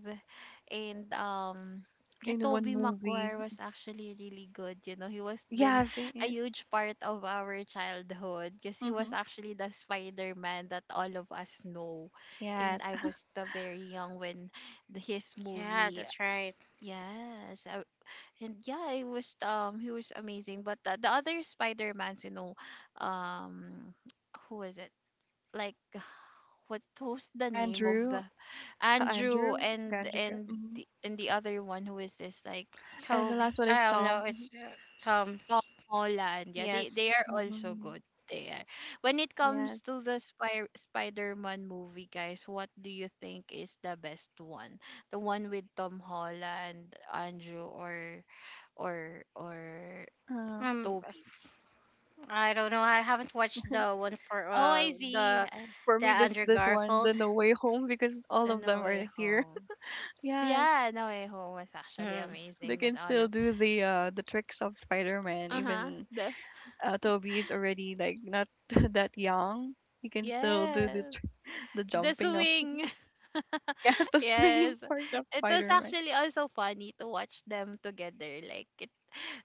Speaker 1: and yeah,
Speaker 3: In one
Speaker 1: Tobey
Speaker 3: movie.
Speaker 1: Maguire was actually really good, you know. He was been
Speaker 3: Yes, it
Speaker 1: a
Speaker 3: is.
Speaker 1: huge part of our childhood because he
Speaker 3: Mm-hmm.
Speaker 1: was actually the Spider-Man that all of us know.
Speaker 3: Yes,
Speaker 1: And I was the very young when his
Speaker 2: Yeah,
Speaker 1: movie,
Speaker 2: that's right.
Speaker 1: yes, and yeah it was, he was amazing. But the other spider-mans, you know, um who is it, like what, who's the name of
Speaker 3: Andrew,
Speaker 1: the
Speaker 3: uh,
Speaker 1: Andrew?
Speaker 3: Andrew,
Speaker 1: and
Speaker 3: Andrew.
Speaker 1: and
Speaker 3: Mm-hmm.
Speaker 1: the, and the other one who is this, like,
Speaker 3: And the last
Speaker 2: Toby.
Speaker 3: one is
Speaker 2: Oh,
Speaker 3: Tom.
Speaker 2: no,
Speaker 3: Mm-hmm.
Speaker 2: it's Tom.
Speaker 1: Holland. Yeah, they
Speaker 2: Yes.
Speaker 1: are also
Speaker 3: Mm-hmm.
Speaker 1: good. They are. When it
Speaker 3: Yes.
Speaker 1: comes to the spider-man movie, guys, what do you think is the best one, the one with Tom Holland, Andrew, or or
Speaker 3: Uh,
Speaker 2: Um,
Speaker 1: Toby?
Speaker 2: I don't know. I haven't watched the one for
Speaker 1: Oh, I see.
Speaker 2: the
Speaker 3: for
Speaker 2: The
Speaker 3: me, this
Speaker 2: Andrew
Speaker 3: this one, the
Speaker 2: Garfield.
Speaker 3: No Way Home, because all
Speaker 1: The
Speaker 3: of
Speaker 1: No
Speaker 3: them are
Speaker 1: Way
Speaker 3: here.
Speaker 1: Home.
Speaker 3: Yes,
Speaker 1: Yeah, No Way Home was actually
Speaker 2: Mm-hmm.
Speaker 3: they
Speaker 1: amazing. That
Speaker 3: can
Speaker 1: all
Speaker 3: still
Speaker 1: of,
Speaker 3: do the tricks of Spider-Man,
Speaker 1: uh huh,
Speaker 3: even
Speaker 1: the
Speaker 3: Toby is already like not that young, he can still do
Speaker 1: yes,
Speaker 3: the
Speaker 1: the
Speaker 3: jumping of,
Speaker 1: swing.
Speaker 3: yeah, the swinging
Speaker 1: Yes,
Speaker 3: part of
Speaker 1: it was
Speaker 3: Spider-Man.
Speaker 1: actually also funny to watch them together. Like it,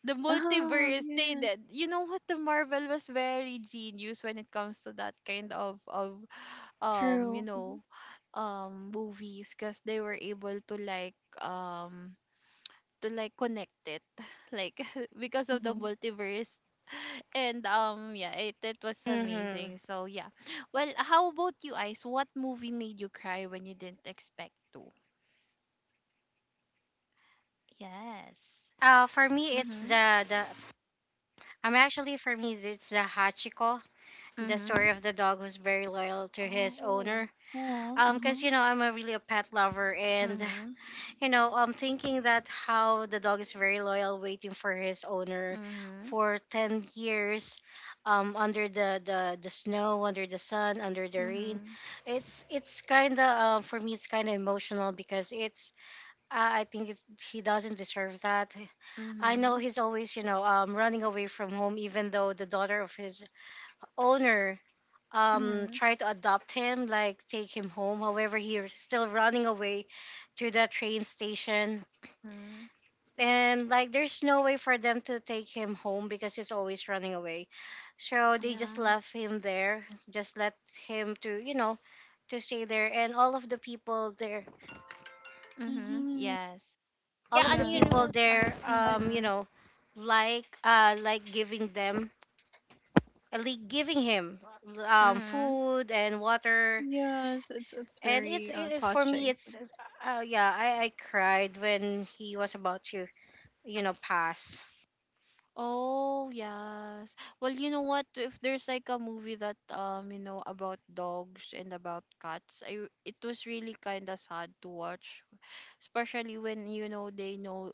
Speaker 1: the
Speaker 3: Oh
Speaker 1: multiverse. They
Speaker 3: yes,
Speaker 1: did. You know what? The Marvel was very genius when it comes to that kind of you
Speaker 3: true.
Speaker 1: know movies, because they were able um to like connect it like because of the
Speaker 3: Mm-hmm.
Speaker 1: multiverse. And yeah it was
Speaker 2: Mm-hmm.
Speaker 1: amazing, so yeah, well, how about you, Ice? What movie made you cry when you didn't expect to? Yes.
Speaker 2: For me, it's
Speaker 1: Mm-hmm.
Speaker 2: the the. I'm actually for me it's the Hachiko, the
Speaker 1: Mm-hmm.
Speaker 2: story of the dog who's very loyal to his
Speaker 1: Oh.
Speaker 2: owner.
Speaker 3: Oh,
Speaker 2: Cause
Speaker 3: mm-hmm.
Speaker 2: you know I'm a really a pet lover, and
Speaker 1: Mm-hmm.
Speaker 2: you know I'm thinking that how the dog is very loyal, waiting for his owner
Speaker 1: Mm-hmm.
Speaker 2: for 10 years, under the snow, under the sun, under the rain.
Speaker 1: Mm-hmm.
Speaker 2: It's kind of, for me it's kind of emotional because it's I think it's, he doesn't deserve that. I know
Speaker 1: Mm-hmm.
Speaker 2: he's always, you know, running away from home, even though the daughter of his owner,
Speaker 1: Mm-hmm.
Speaker 2: tried to adopt him, like take him home. However, he's still running away to the train station.
Speaker 1: Hmm.
Speaker 2: And like, there's no way for them to take him home because he's always running away. So they just
Speaker 1: Yeah.
Speaker 2: left him there, just let him to, you know, to stay there. And all of the people there
Speaker 1: Mm-hmm.
Speaker 3: Mm-hmm.
Speaker 1: Yes. Well,
Speaker 2: all
Speaker 1: yeah,
Speaker 2: of
Speaker 1: and
Speaker 2: the
Speaker 1: you know
Speaker 2: people
Speaker 3: Yes,
Speaker 1: what?
Speaker 3: I,
Speaker 2: there
Speaker 3: I,
Speaker 2: you
Speaker 1: Mm-hmm.
Speaker 2: know like giving them like giving him
Speaker 1: Mm-hmm.
Speaker 2: food and water.
Speaker 3: yes, it's
Speaker 2: And
Speaker 3: very
Speaker 2: for me
Speaker 3: touching.
Speaker 2: it's, yeah, I cried when he was about to you know pass.
Speaker 1: Oh, yes. Well, you know what? If there's like a movie that you know, about dogs and about cats, I it was really kind of sad to watch, especially when you know they know.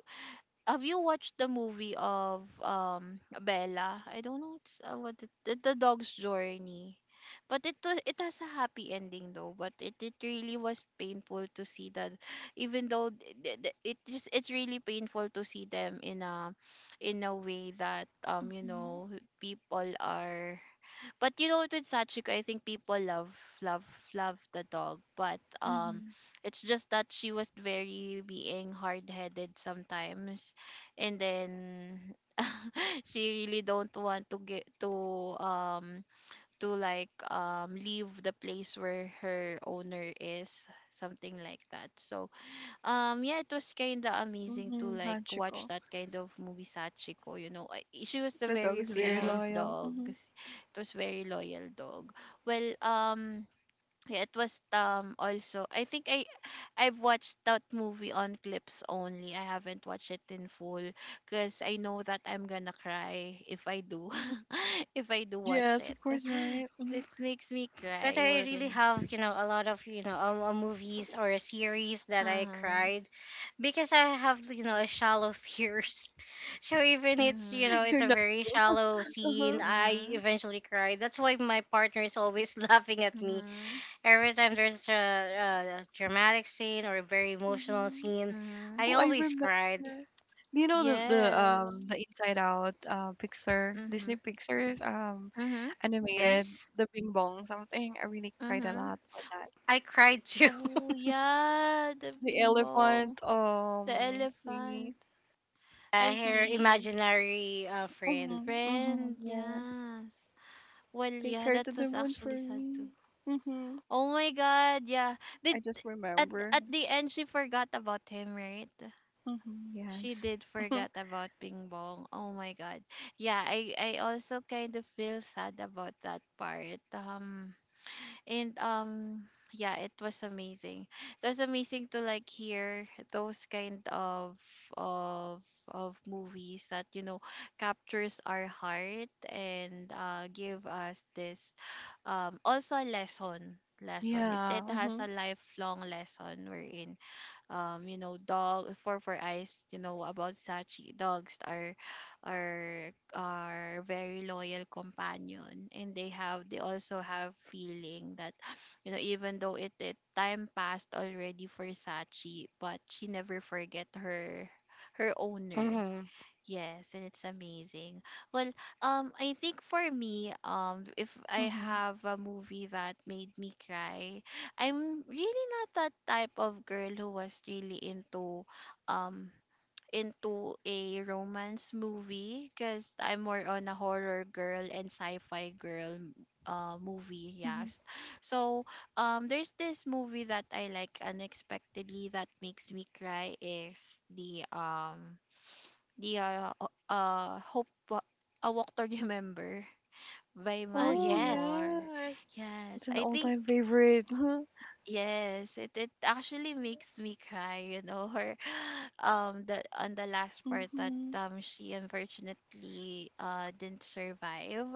Speaker 1: Have you watched the movie of Bella? I don't know, it's, what it, the dog's journey. But it has a happy ending though. But it really was painful to see that, even though it's really painful to see them in a, in a way that you
Speaker 3: Mm-hmm.
Speaker 1: know, people are. But you know, with Sachiko, I think people love, love, love the dog. But
Speaker 3: Mm-hmm.
Speaker 1: it's just that she was very being hard-headed sometimes, and then she really don't want to get to like leave the place where her owner is, something like that. So yeah, it was kind of amazing to
Speaker 3: Mm-hmm.
Speaker 1: like watch
Speaker 3: Hachiko,
Speaker 1: that kind of movie, Sachiko, you know. She was a
Speaker 3: the dog
Speaker 1: very
Speaker 3: is very
Speaker 2: Yeah,
Speaker 1: famous
Speaker 3: loyal.
Speaker 1: dog.
Speaker 3: Mm-hmm.
Speaker 1: It was very loyal dog. Well, yeah, it was also, I think I've watched that movie on clips only. I haven't watched it in full because I know that I'm gonna cry if I do. If I do watch
Speaker 3: Yes,
Speaker 1: it.
Speaker 3: of course, right? Mm-hmm.
Speaker 1: It makes me
Speaker 2: but
Speaker 1: cry.
Speaker 2: I
Speaker 1: We're
Speaker 2: really
Speaker 1: gonna.
Speaker 2: have, you know, a lot of, you know, movies or series that I
Speaker 1: Uh-huh.
Speaker 2: cried because I have, you know, a shallow tears. So even it's, you know,
Speaker 1: Mm-hmm.
Speaker 2: it's
Speaker 3: You're
Speaker 2: a
Speaker 3: not.
Speaker 2: very shallow scene,
Speaker 3: Uh-huh.
Speaker 2: I
Speaker 1: Mm-hmm.
Speaker 2: eventually cry. That's why my partner is always laughing at me
Speaker 1: Mm-hmm.
Speaker 2: every time there's a dramatic scene or a very emotional
Speaker 3: Mm-hmm.
Speaker 2: scene.
Speaker 1: Hmm.
Speaker 2: I
Speaker 3: Oh, I
Speaker 2: always
Speaker 3: remember.
Speaker 2: cried.
Speaker 3: Do you know the
Speaker 1: Yes.
Speaker 3: the Inside Out picture,
Speaker 1: Mm-hmm.
Speaker 3: Disney Pictures
Speaker 1: Mm-hmm.
Speaker 3: animated,
Speaker 2: Yes,
Speaker 3: the Bing Bong something? I really cried a
Speaker 1: Mm-hmm.
Speaker 3: lot with that.
Speaker 2: I cried too.
Speaker 1: Oh yeah, the
Speaker 3: The
Speaker 1: bingbong,
Speaker 3: elephant
Speaker 1: the elephant.
Speaker 3: thingy.
Speaker 2: Uh,
Speaker 1: I
Speaker 2: her
Speaker 3: Mhm.
Speaker 1: see.
Speaker 2: imaginary, friend.
Speaker 3: Mhm. Mhm.
Speaker 1: Friend,
Speaker 3: Yeah.
Speaker 1: yes. Well,
Speaker 3: Take
Speaker 1: yeah,
Speaker 3: her
Speaker 1: that
Speaker 3: to the
Speaker 1: was
Speaker 3: moon
Speaker 1: actually
Speaker 3: for
Speaker 1: sad too.
Speaker 3: me. Mhm.
Speaker 1: Oh my god, yeah.
Speaker 3: I
Speaker 1: Did
Speaker 3: just
Speaker 1: at
Speaker 3: remember.
Speaker 1: at the end she forgot about him, right?
Speaker 3: Mhm.
Speaker 1: She
Speaker 3: Yes.
Speaker 1: did
Speaker 3: Mhm.
Speaker 1: forget about Bingbong. Oh my god. Yeah, I also kind of feel sad about that part. And yeah, it was amazing, it was amazing to like hear those kind of of movies that, you know, captures our heart and give us this also a lesson, it,
Speaker 3: Yeah.
Speaker 1: it has
Speaker 3: Mhm.
Speaker 1: a lifelong lesson we're in, you know, dog for eyes, you know, about sachi. Dogs are, are very loyal companion, and they also have feeling that, you know, even though it time passed already for sachi, but she never forget her owner.
Speaker 2: Hmm.
Speaker 1: Yes, and it's amazing. Well, I think for me, if I
Speaker 3: Mhm.
Speaker 1: have a movie that made me cry, I'm really not that type of girl who was really um, into a romance movie, because I'm more on a horror girl and sci-fi girl movie,
Speaker 3: Mhm.
Speaker 1: yes. So there's this movie that I like unexpectedly that makes me cry is the, the, hope, a Walk to Remember, by
Speaker 2: Oh
Speaker 3: Oh
Speaker 1: Mandy
Speaker 2: yes.
Speaker 1: Moore.
Speaker 3: yes.
Speaker 1: Yes,
Speaker 3: It's an
Speaker 1: I think.
Speaker 3: all-time favorite.
Speaker 1: Yes, it actually makes me cry, you know, her the, on the last part that
Speaker 3: Mhm.
Speaker 1: she unfortunately didn't survive.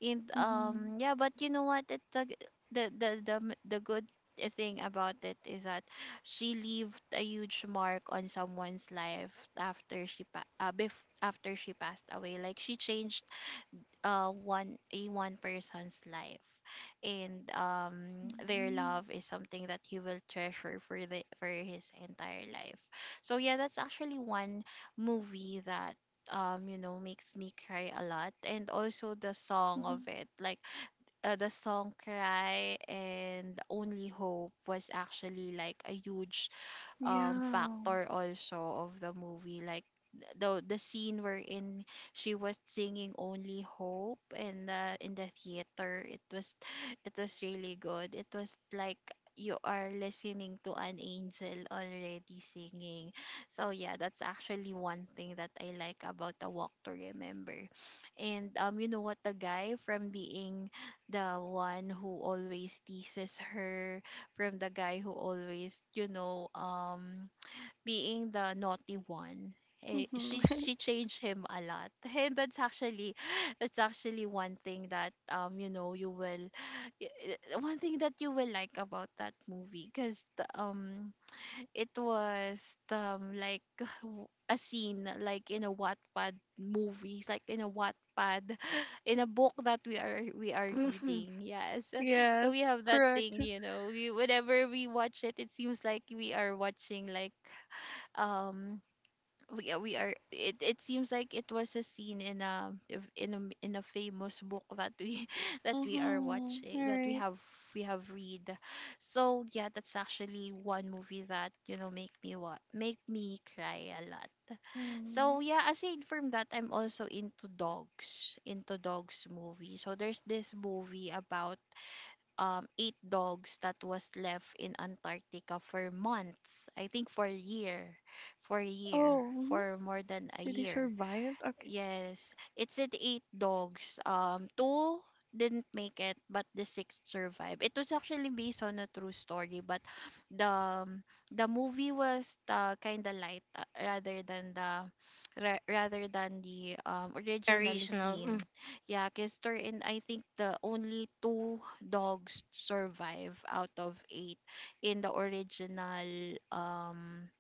Speaker 1: And
Speaker 3: Mhm.
Speaker 1: yeah, but you know what? It the good thing about it is that she left a huge mark on someone's life after after she passed away. Like she changed one person's life, and their
Speaker 3: Mhm,
Speaker 1: love is something that he will treasure for the for his entire life. So yeah, that's actually one movie that, you know, makes me cry a lot. And also the song
Speaker 3: mhm.
Speaker 1: of it, like, the song Cry and Only Hope was actually like a huge
Speaker 3: Yeah.
Speaker 1: factor also of the movie, like the scene wherein she was singing Only Hope in the theater. It was it was really good, it was like you are listening to an angel already singing. So yeah, that's actually one thing that I like about the Walk to Remember. And you know what, the guy from being the one who always teases her, from the guy who always, you know, being the naughty one. She
Speaker 3: Mhm.
Speaker 1: she changed him a lot, and that's actually that's actually one thing that, you know, you will, one thing that you will like about that movie, because um it was like, a scene like in a Wattpad movies, like in a Wattpad, in a book that we are
Speaker 2: Mhm.
Speaker 1: reading. Yes, so
Speaker 3: Yes,
Speaker 1: we have that thing,
Speaker 3: correct.
Speaker 1: you know. We whenever we watch it, it seems like we are watching like, um we are it seems like it was a scene in a if- in a famous book that we that we are
Speaker 3: Mhm.
Speaker 1: watching, that
Speaker 3: Alright.
Speaker 1: we have read. So yeah, that's actually one movie that, you know, make me cry a lot.
Speaker 3: Mm.
Speaker 1: So yeah, aside from that, I'm also into dogs, into dogs movie. So there's this movie about eight dogs that was left in Antarctica for months. I think for a year, for a year,
Speaker 3: Oh, mhm.
Speaker 1: for more than a
Speaker 3: Did he
Speaker 1: year.
Speaker 3: survive? Okay.
Speaker 1: Yes, it's said eight dogs. Two didn't make it, but the sixth survived. It was actually based on a true story, but the um, the movie was, kind of light, rather than the, rather than the, original
Speaker 2: Original. Mm,
Speaker 1: scene. Yeah, because, and I think the only two dogs survive out of eight in the original,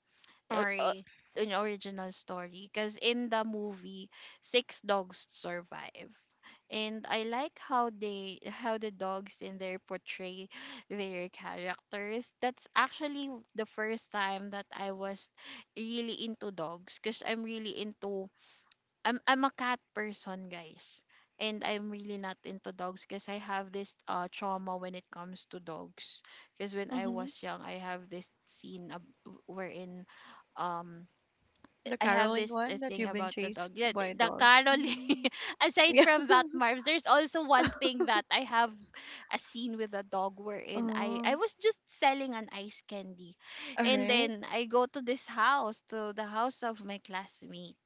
Speaker 1: or- or-
Speaker 2: story.
Speaker 1: an original story, because in the movie six dogs survive, and I like how the dogs in there portray their characters. That's actually the first time that I was really into dogs, because I'm really into I'm a cat person, guys. And I'm really not into dogs because I have this trauma when it comes to dogs. Because when I
Speaker 3: Mhm.
Speaker 1: was young, I have this scene, wherein um
Speaker 3: The
Speaker 1: I have
Speaker 3: caroling
Speaker 1: this
Speaker 3: one that
Speaker 1: thing
Speaker 3: you've been
Speaker 1: about the dog.
Speaker 3: chased
Speaker 1: Yeah,
Speaker 3: by
Speaker 1: the
Speaker 3: dogs.
Speaker 1: Carol.
Speaker 3: Mm.
Speaker 1: Aside
Speaker 3: Yeah.
Speaker 1: from that, Marv's, there's also one thing that I have, a scene with a dog wherein I
Speaker 3: Oh.
Speaker 1: was just selling an ice candy, and
Speaker 3: Alright.
Speaker 1: then I go to this house, to the house of my classmate.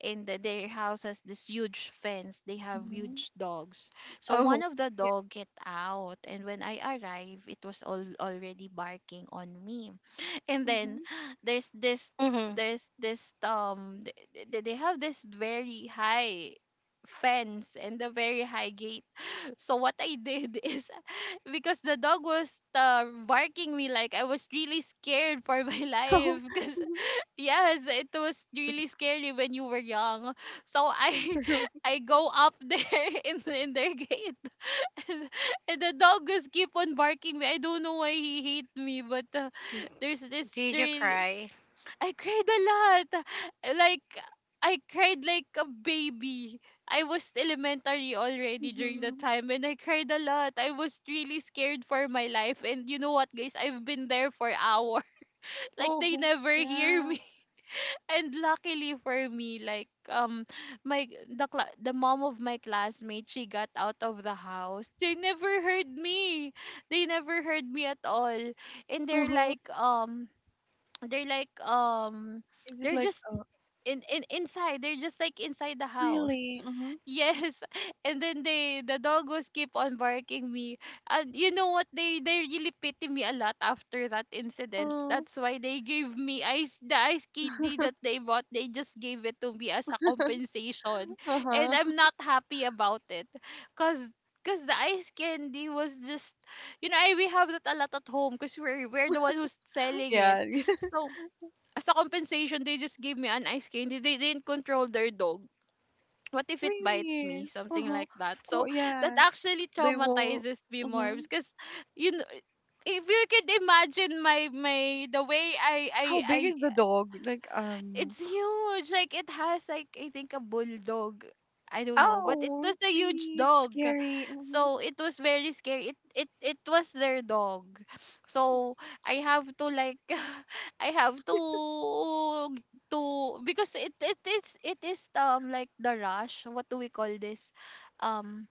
Speaker 1: Their house has this huge fence. They have
Speaker 3: Mhm.
Speaker 1: huge dogs. So one
Speaker 3: Oh.
Speaker 1: of the
Speaker 3: Yeah.
Speaker 1: dog get out, and when I arrive, it was all already barking on me. And then
Speaker 3: Mhm.
Speaker 1: there's this
Speaker 2: Hmm.
Speaker 1: there's this they have this very high fence and a very high gate. So what I did is, because the dog was, barking me, like I was really scared for my
Speaker 3: Oh.
Speaker 1: life because.
Speaker 3: Mhm.
Speaker 1: Yes, it was really scary when you were young. So I
Speaker 3: True.
Speaker 1: I go up there in their gate, and the dog just keep on barking me. I don't know why he hate me, but, there's this
Speaker 2: Did you
Speaker 1: really.
Speaker 2: cry?
Speaker 1: I cried a lot. Like, I cried like a baby. I was elementary already during the
Speaker 3: Mhm.
Speaker 1: time, and I cried a lot. I was really scared for my life, and you know what, guys? I've been there for hours. Like they
Speaker 3: Oh.
Speaker 1: never hear
Speaker 3: Yeah.
Speaker 1: me. And luckily for me, like my the mom of my classmate, she got out of the house. They never heard me at all. And
Speaker 3: Uh-huh.
Speaker 1: they're like
Speaker 3: Is it
Speaker 1: they're
Speaker 3: like
Speaker 1: just, in inside, they're just like inside the house.
Speaker 3: really? Mhm.
Speaker 1: Yes, and then the dog was keep on barking me, and you know what? They really pity me a lot after that incident.
Speaker 3: Oh.
Speaker 1: That's why they gave me, ice the ice candy that they bought. They just gave it to me as a compensation, and
Speaker 3: Uh-huh.
Speaker 1: I'm not happy about it, cause cause the ice candy was just, you know, I we have that a lot at home, cause we're the one who's selling it.
Speaker 3: Yeah.
Speaker 1: So as a compensation, they just gave me an ice candy. They didn't control their dog. What if it bite
Speaker 3: Really?
Speaker 1: me, something
Speaker 3: Uh-huh.
Speaker 1: like that,
Speaker 3: Of
Speaker 1: so
Speaker 3: course,
Speaker 1: that
Speaker 3: yeah.
Speaker 1: actually
Speaker 3: They will.
Speaker 1: traumatizes me more,
Speaker 3: Mm-hmm.
Speaker 1: because you know, if you could imagine my the way,
Speaker 3: How big
Speaker 1: I
Speaker 3: is the dog? Like.
Speaker 1: It's huge. Like it has, like, I think a bulldog. I don't know, but it
Speaker 3: Oh,
Speaker 1: was
Speaker 3: it's
Speaker 1: a huge
Speaker 3: really it's
Speaker 1: dog.
Speaker 3: scary. Mm-hmm.
Speaker 1: So it was very scary. It was their dog. So I have to, like, I have to, because it is, like the rush. What do we call this? Um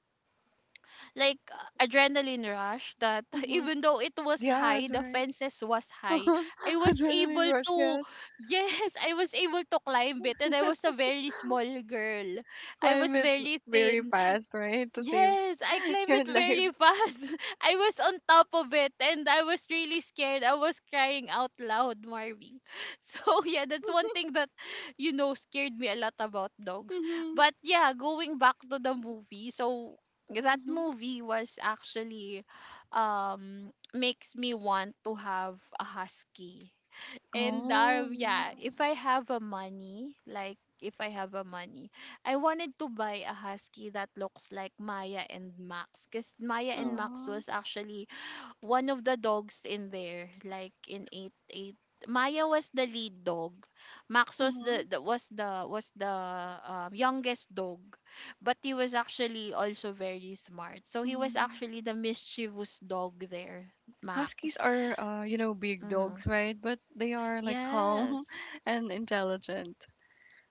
Speaker 1: like, adrenaline rush that,
Speaker 3: Mm-hmm.
Speaker 1: even though it was high,
Speaker 3: Yes,
Speaker 1: the
Speaker 3: right.
Speaker 1: fences was high. I was
Speaker 3: Adrenaline
Speaker 1: able
Speaker 3: rush,
Speaker 1: to,
Speaker 3: yes.
Speaker 1: yes, I was able to climb it, and I was a very small girl. I was
Speaker 3: Climb it
Speaker 1: very
Speaker 3: very
Speaker 1: thin.
Speaker 3: fast, right? To save
Speaker 1: Yes, I climbed it
Speaker 3: your life.
Speaker 1: very fast. I was on top of it and I was really scared. I was crying out loud, Marvy. So, yeah, that's one thing that scared me a lot about dogs.
Speaker 3: Mm-hmm.
Speaker 1: But yeah, going back to the movie. So, that
Speaker 3: Mm-hmm.
Speaker 1: movie was actually makes me want to have a husky. And
Speaker 3: Oh,
Speaker 1: uh,
Speaker 3: yeah.
Speaker 1: yeah, if I have a money, I wanted to buy a husky that looks like Maya and Max. Because Maya and Max
Speaker 3: Oh.
Speaker 1: was actually one of the dogs in there, like in eight eight. Maya was the lead dog. Max was
Speaker 3: Mm-hmm.
Speaker 1: the youngest dog, but he was actually also very smart. So he was
Speaker 3: Mm.
Speaker 1: actually the mischievous dog there,
Speaker 3: Huskies
Speaker 1: Max.
Speaker 3: are, you know, big
Speaker 1: Hmm.
Speaker 3: dogs, right? But they are like calm
Speaker 1: Yes.
Speaker 3: and intelligent.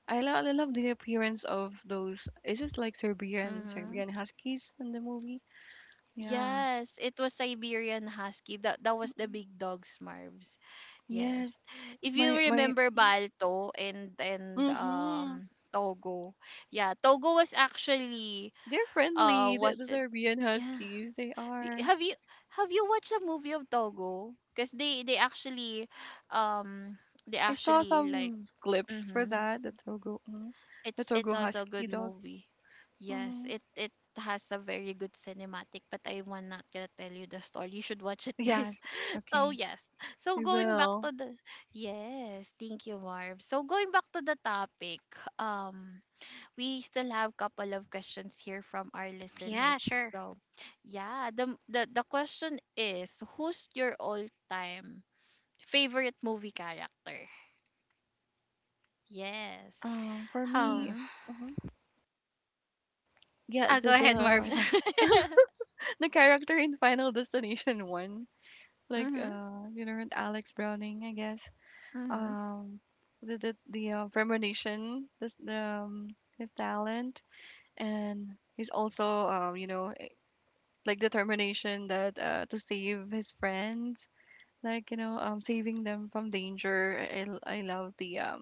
Speaker 3: I love the appearance of those. Is it like
Speaker 1: Mm-hmm.
Speaker 3: Serbian Huskies in the movie? Yeah.
Speaker 1: Yes, it was Siberian Husky. That was the big dogs, Marv's.
Speaker 3: Yes.
Speaker 1: Yes. If you
Speaker 3: My my.
Speaker 1: remember Balto and and
Speaker 3: Mm-hmm.
Speaker 1: um Togo. Yeah, Togo was actually
Speaker 3: They're friendly. The
Speaker 1: wasn't,
Speaker 3: Serbian
Speaker 1: yeah.
Speaker 3: Huskies. They
Speaker 1: Y-
Speaker 3: are.
Speaker 1: Have you have you watched a movie of Togo? Because they actually um they
Speaker 3: I saw
Speaker 1: actually like
Speaker 3: some clips for
Speaker 1: mhm
Speaker 3: that. The Togo. Mm, the
Speaker 1: it's
Speaker 3: Togo
Speaker 1: also a
Speaker 3: Husky
Speaker 1: good
Speaker 3: dog.
Speaker 1: movie. Yes,
Speaker 3: Mm-hmm.
Speaker 1: it has a very good cinematic, but I am not gonna tell you the story. You should watch it,
Speaker 3: Yes.
Speaker 1: guys. So
Speaker 3: Okay.
Speaker 1: yes. So
Speaker 3: I
Speaker 1: going back
Speaker 3: will.
Speaker 1: to the yes, thank you, Marv. So going back to the topic, um, we still have couple of questions here from our
Speaker 2: Yeah,
Speaker 1: listeners.
Speaker 2: sure.
Speaker 1: So yeah, the question is, who's your all time favorite movie character? Yes.
Speaker 3: For me.
Speaker 2: Oh,
Speaker 1: Mm-hmm.
Speaker 3: Mm-hmm. Yeah.
Speaker 2: I'll
Speaker 1: Go
Speaker 2: go
Speaker 1: ahead.
Speaker 2: ahead,
Speaker 3: The
Speaker 2: Marbs.
Speaker 3: the character in Final Destination one. Like
Speaker 1: Mhm.
Speaker 3: you know, Alex Browning, I guess,
Speaker 1: Mhm.
Speaker 3: um the the determination, this his talent, and he's also, you know, determination that to save his friends, like, you know, saving them from danger. I love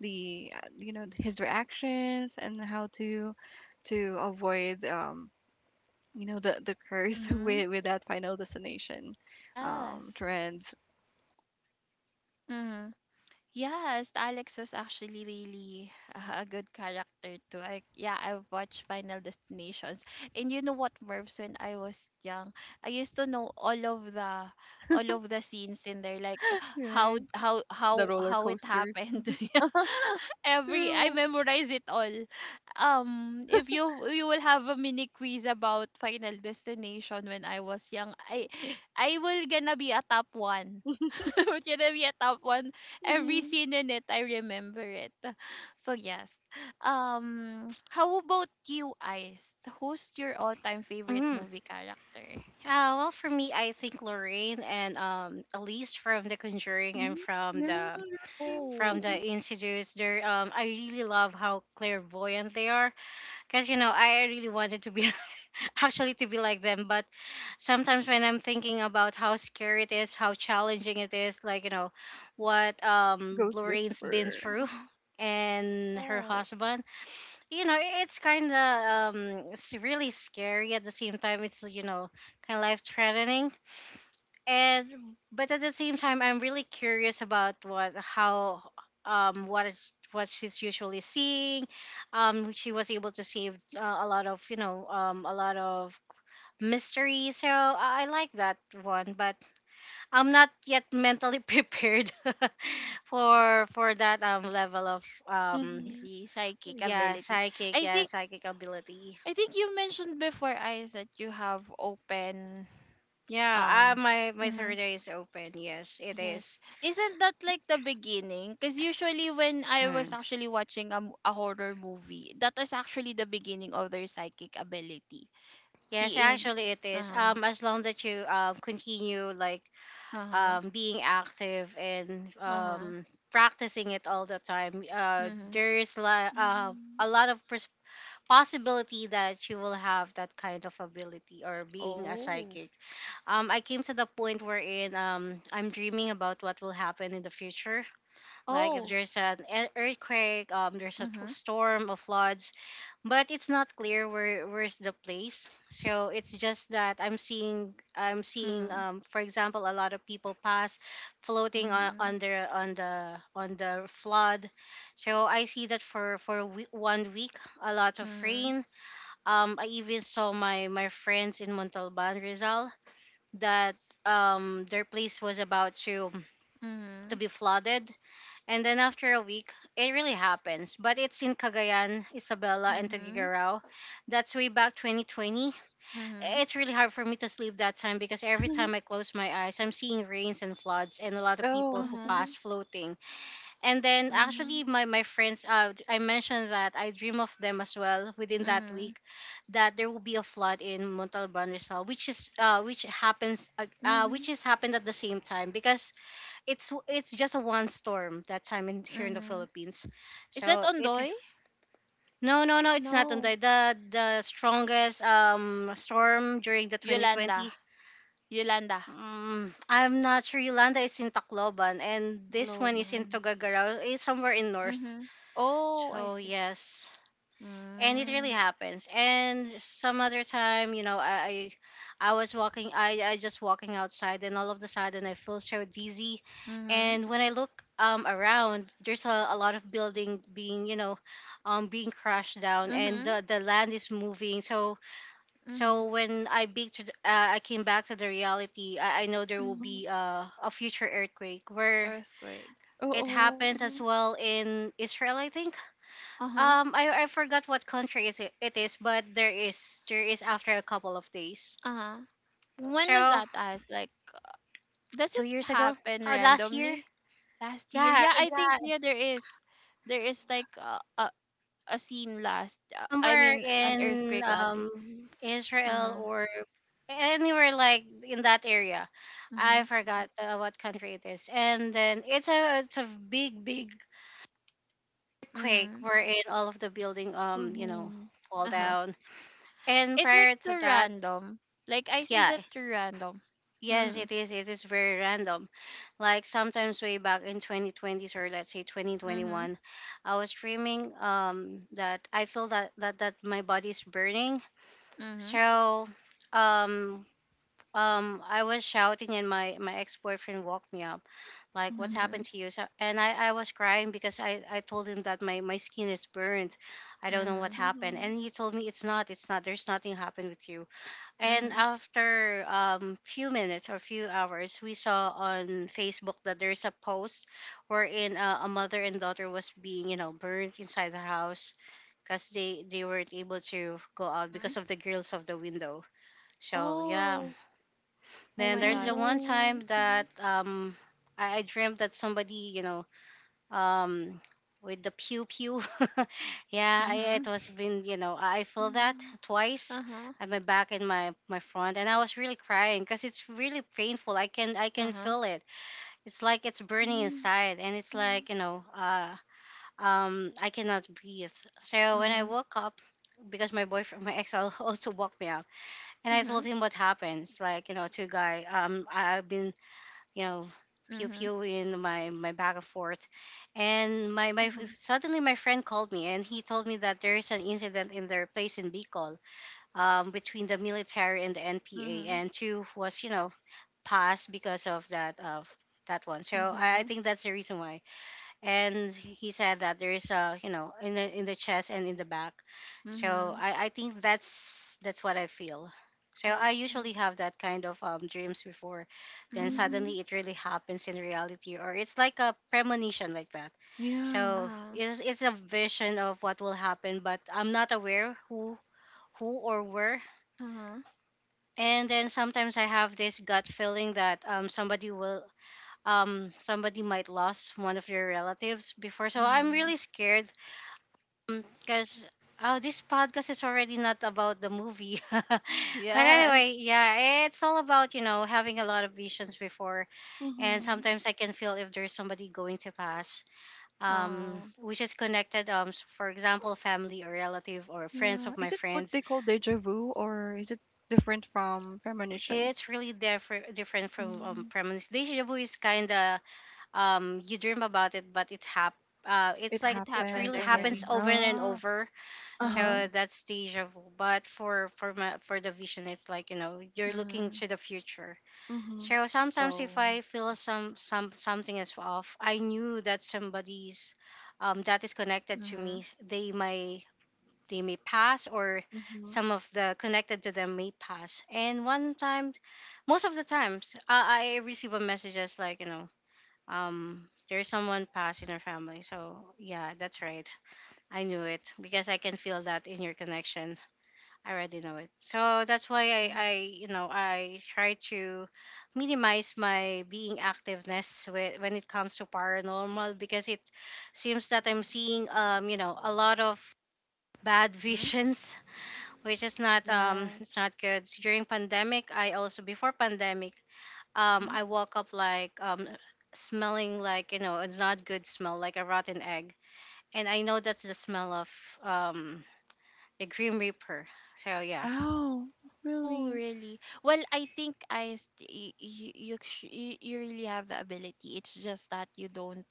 Speaker 3: the you know, his reactions and how to avoid, you know, the curse
Speaker 1: Mhm.
Speaker 3: with that final destination
Speaker 1: Yes.
Speaker 3: trends,
Speaker 1: Mhm. Yes, Alex was actually really a good character too. I, yeah, I watched Final Destinations. And you know what, Mervs, when I was young, I used to know all of the scenes in there, like how
Speaker 3: right,
Speaker 1: how
Speaker 3: the
Speaker 1: how
Speaker 3: roller
Speaker 1: how it
Speaker 3: coasters.
Speaker 1: happened. Yeah. Every I
Speaker 3: true.
Speaker 1: memorize it all. If you will have a mini quiz about Final Destination when I was young, I will gonna be a top one. We're gonna be a top one, every
Speaker 3: Hmm.
Speaker 1: scene in it, I remember it. So yes. How about you, Ice? Who's your all-time favorite
Speaker 2: Mm.
Speaker 1: movie character?
Speaker 2: Well, for me, I think Lorraine and Elise from The Conjuring and
Speaker 3: Mm, yeah, right.
Speaker 2: from the
Speaker 1: Oh,
Speaker 3: Mhm.
Speaker 2: Institutes. They're I really love how clairvoyant they are. Cause I really wanted to be actually to be like them, but sometimes when I'm thinking about how scary it is, how challenging it is, like you know, what
Speaker 3: Ghost
Speaker 2: Lorraine's been
Speaker 3: whisperer.
Speaker 2: through
Speaker 3: Mhm.
Speaker 2: and her
Speaker 1: yeah.
Speaker 2: husband, you know, it's kind of it's really scary at the same time. It's you know kind of life threatening, and but at the same time, I'm really curious about what how what is what she's usually seeing. She was able to save a lot of you know a lot of mystery. So I like that one, but I'm not yet mentally prepared for that level of
Speaker 1: I
Speaker 3: Mhm.
Speaker 1: see. Psychic
Speaker 2: yeah,
Speaker 1: ability.
Speaker 2: psychic,
Speaker 1: I think
Speaker 2: psychic ability.
Speaker 1: I think you mentioned before, Ice, that you have open
Speaker 2: Yeah,
Speaker 1: um
Speaker 2: my
Speaker 1: hmm.
Speaker 2: third eye is open. Yes, it
Speaker 1: Yes.
Speaker 2: is.
Speaker 1: Isn't that like the beginning? Because usually when I was
Speaker 2: Hmm.
Speaker 1: actually watching a horror movie, that is actually the beginning of their psychic ability.
Speaker 2: Yes,
Speaker 1: Seeing
Speaker 2: actually, it is.
Speaker 1: uh-huh.
Speaker 2: As long that you continue like
Speaker 1: Uh-huh.
Speaker 2: being active and
Speaker 1: Uh-huh.
Speaker 2: practicing it all the time,
Speaker 1: Mhm.
Speaker 2: there is
Speaker 3: Mhm.
Speaker 2: a lot of possibility that she will have that kind of ability or being a
Speaker 1: Oh.
Speaker 2: psychic. I came to the point wherein, I'm dreaming about what will happen in the future. Like if
Speaker 1: Oh.
Speaker 2: there's an earthquake, there's a
Speaker 1: Mhm.
Speaker 2: storm, of floods, but it's not clear where's the place. So it's just that I'm seeing,
Speaker 1: Mhm.
Speaker 2: for example, a lot of people pass floating
Speaker 1: Mhm.
Speaker 2: on the on the on the flood. So I see that for a 1 week a lot of
Speaker 1: Mhm.
Speaker 2: rain. I even saw my friends in Montalban, Rizal, that their place was about to
Speaker 1: Mhm.
Speaker 2: be flooded, and then after a week, it really happens. But it's in Cagayan, Isabela, and
Speaker 1: Mhm.
Speaker 2: Tagigaraw. That's way back 2020.
Speaker 1: Mhm.
Speaker 2: It's really hard for me to sleep that time because every time I close my eyes, I'm seeing rains and floods and a lot of people
Speaker 3: Oh.
Speaker 2: who
Speaker 1: Uh-huh.
Speaker 2: pass
Speaker 3: Mhm.
Speaker 2: floating. And then
Speaker 1: Mhm.
Speaker 2: actually my friends I mentioned that I dream of them as well within that
Speaker 1: Mhm.
Speaker 2: week, that there will be a flood in Montalban Rizal, which is which happens,
Speaker 1: Mhm.
Speaker 2: which is happened at the same time, because it's just a one storm that time in here in the
Speaker 1: Mhm.
Speaker 2: Philippines.
Speaker 1: Is that
Speaker 2: So it,
Speaker 1: Ondoy?
Speaker 2: no it's not on
Speaker 1: No.
Speaker 2: the strongest storm during the
Speaker 1: Yolanda.
Speaker 2: 2020.
Speaker 1: Yolanda.
Speaker 2: I'm not sure. Yolanda is in Tacloban, and this one is in
Speaker 1: Loban.
Speaker 2: Tugagarao, is somewhere in north.
Speaker 1: Mhm. Oh, I
Speaker 2: So
Speaker 1: see.
Speaker 2: yes, and it really
Speaker 1: Mm.
Speaker 2: happens. And some other time, you know, I was walking, I just walking outside, and all of the sudden I feel so dizzy,
Speaker 1: Mhm.
Speaker 2: and when I look around, there's a lot of building being you know being crushed down, and
Speaker 1: Mhm.
Speaker 2: the land is moving. So
Speaker 1: Mhm.
Speaker 2: when I big to the, I came back to the reality, I know there will
Speaker 1: Mhm.
Speaker 3: Mhm.
Speaker 2: be a future earthquake where.
Speaker 1: Earthquake.
Speaker 2: It
Speaker 3: Oo.
Speaker 2: happens as
Speaker 3: Mhm.
Speaker 2: well in Israel, I think.
Speaker 1: Uh-huh.
Speaker 2: I forgot what country it is, but there is after a couple of days.
Speaker 1: Uh-huh. When was
Speaker 2: So
Speaker 1: that as like, does
Speaker 2: two
Speaker 1: it
Speaker 2: years ago,
Speaker 1: happen
Speaker 2: last year,
Speaker 1: randomly? Last year,
Speaker 2: yeah,
Speaker 1: yeah. I think,
Speaker 2: yeah,
Speaker 1: yeah, there is, there is like a scene last I
Speaker 2: somewhere
Speaker 1: mean an
Speaker 2: in
Speaker 1: earthquake last year.
Speaker 2: Israel
Speaker 1: Uh-huh.
Speaker 2: or anywhere like in that area. I
Speaker 1: Mm-hmm.
Speaker 2: forgot what country it is, and then it's a big earthquake
Speaker 1: Mm-hmm.
Speaker 2: wherein all of the building you know
Speaker 3: Mhm.
Speaker 2: fall
Speaker 1: Uh-huh.
Speaker 2: down. And
Speaker 1: It's like
Speaker 2: prior to
Speaker 1: too
Speaker 2: that,
Speaker 1: random. Like, Ice, is
Speaker 2: yeah,
Speaker 1: it too random?
Speaker 2: yes,
Speaker 1: Mm-hmm.
Speaker 2: it is. It is very random. Like sometimes way back in 2020s, or let's say
Speaker 1: Mm-hmm.
Speaker 2: 2021, I was dreaming that I feel that my body's burning.
Speaker 1: Mm-hmm.
Speaker 2: So um I was shouting and my ex-boyfriend woke me up like what's
Speaker 3: Mhm.
Speaker 1: Mm-hmm.
Speaker 2: happened to you? So, and I was crying because I told him that my skin is burnt. I don't know what
Speaker 1: Mm-hmm.
Speaker 2: happened,
Speaker 3: Mhm.
Speaker 2: and he told me it's not, there's nothing happened with you. And
Speaker 1: Mm-hmm.
Speaker 2: after few minutes or few hours, we saw on Facebook that there's a post wherein, a mother and daughter was being you know burnt inside the house, because they weren't able to go out
Speaker 1: Mm-hmm.
Speaker 2: because of the grills of the window. So yeah.
Speaker 1: Oh. Oh
Speaker 2: Then
Speaker 1: my
Speaker 3: Oh,
Speaker 2: there's the
Speaker 1: god.
Speaker 2: one time
Speaker 3: no.
Speaker 2: that
Speaker 3: Mhm.
Speaker 2: I dreamt that somebody you know um with the pew pew. Yeah, I, it
Speaker 1: Mm-hmm.
Speaker 2: was been you know I feel that
Speaker 3: Mhm.
Speaker 2: twice
Speaker 1: Uh-huh.
Speaker 2: at my back and my front, and I was really crying because it's really painful. I can
Speaker 1: Uh-huh.
Speaker 2: feel it. It's like it's burning inside, and it's
Speaker 3: Mhm.
Speaker 2: like you know I cannot breathe. So when I
Speaker 1: Mm-hmm.
Speaker 2: woke up, because my boyfriend, my also woke me up, and I
Speaker 1: Mm-hmm.
Speaker 2: told him what happened. It's like you know two guy, I've been you know, pew
Speaker 1: Mm-hmm.
Speaker 2: pew in my back and forth, and my
Speaker 3: Mhm. Mhm.
Speaker 2: suddenly my friend called me and he told me that there is an incident in their place in Bicol, between the military and the NPA,
Speaker 1: Mm-hmm.
Speaker 2: and two was you know passed because of that one. So I think that's the reason why. And he said that there is a, you know, in the chest and in the back. So
Speaker 1: Mm-hmm.
Speaker 2: I think that's what I feel. So I usually
Speaker 1: Oh.
Speaker 2: have that kind of, dreams before, then
Speaker 1: Mm-hmm.
Speaker 3: Mhm.
Speaker 2: suddenly it really happens in reality, or it's like a premonition like that.
Speaker 3: Yeah.
Speaker 2: So
Speaker 1: Uh-huh.
Speaker 2: it's a vision of what will happen, but I'm not aware who or where.
Speaker 1: Uh-huh.
Speaker 2: And then sometimes I have this gut feeling that somebody will somebody might lost one of their relatives before, so I'm
Speaker 1: Mm-hmm.
Speaker 2: really scared because, oh, this podcast is already not about the movie. But
Speaker 1: Yes.
Speaker 2: anyway, yeah, it's all about you know having a lot of visions before, and
Speaker 3: Mhm.
Speaker 2: sometimes I can feel if there's somebody going to pass,
Speaker 1: Uh,
Speaker 2: which is connected. For example, family or relative or friends
Speaker 3: Yeah.
Speaker 2: of my
Speaker 3: Is it what
Speaker 2: friends.
Speaker 3: they call deja vu, or is it different from premonition?
Speaker 2: It's really different from,
Speaker 3: Mm,
Speaker 2: premonition. Deja vu is kind of, you dream about it, but it hap. It's
Speaker 3: it
Speaker 2: like
Speaker 1: it
Speaker 2: it
Speaker 1: happened
Speaker 3: happened
Speaker 2: really happens
Speaker 3: already.
Speaker 1: again.
Speaker 2: over and
Speaker 3: Ah.
Speaker 2: over. So
Speaker 3: Uh-huh.
Speaker 1: Mm.
Speaker 2: that's deja vu. But for for the vision, it's like you know you're looking
Speaker 1: Mm-hmm.
Speaker 2: to the future.
Speaker 3: Mm-hmm.
Speaker 2: So sometimes if
Speaker 1: Oh.
Speaker 2: I feel something is off, I knew that somebody's, that is connected to
Speaker 1: Mm-hmm.
Speaker 2: me. They may pass, or
Speaker 3: Mm-hmm.
Speaker 2: some of the connected to them may pass. And one time, most of the times, I receive a message as like you know there's someone passed in our family. So yeah, that's right. I knew it because I can feel that in your connection. I already know it. So that's
Speaker 1: Uh,
Speaker 2: why I you know, I try to minimize my being activeness with, when it comes to paranormal, because it seems that I'm seeing, you know, a lot of bad
Speaker 1: mm-hmm.
Speaker 2: visions, which is not, it's
Speaker 1: Yes.
Speaker 2: not good. During pandemic, I also before pandemic,
Speaker 1: Mm-hmm.
Speaker 2: I woke up like, smelling like, you know, it's not good smell, like a rotten egg, and I know that's the smell of, um, the Grim Reaper. So yeah.
Speaker 3: Oh,
Speaker 1: Oh,
Speaker 3: really?
Speaker 1: really? Well, I think I you really have the ability. It's just that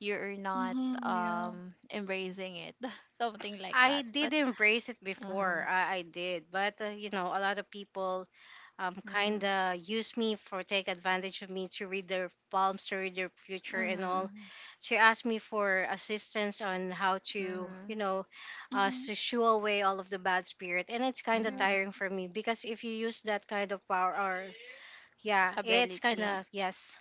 Speaker 1: you're not
Speaker 3: Mm-hmm, yeah.
Speaker 1: embracing it. Something like
Speaker 2: I
Speaker 1: that. But
Speaker 2: did embrace it
Speaker 1: uh-huh.
Speaker 2: before. I did, but you know, a lot of people kind
Speaker 1: Mm-hmm.
Speaker 2: of use me for take advantage of me to read their palms, to read their future and all.
Speaker 1: Mm-hmm.
Speaker 2: She asked me for assistance on how to,
Speaker 1: Mm-hmm.
Speaker 2: you know,
Speaker 3: Mm-hmm.
Speaker 2: to shoo away all of the bad spirit, and it's kind of
Speaker 3: Yeah,
Speaker 1: Mm-hmm.
Speaker 2: tiring for me because if you use that kind of power, or yeah, it's kind
Speaker 1: Ability.
Speaker 2: of yes.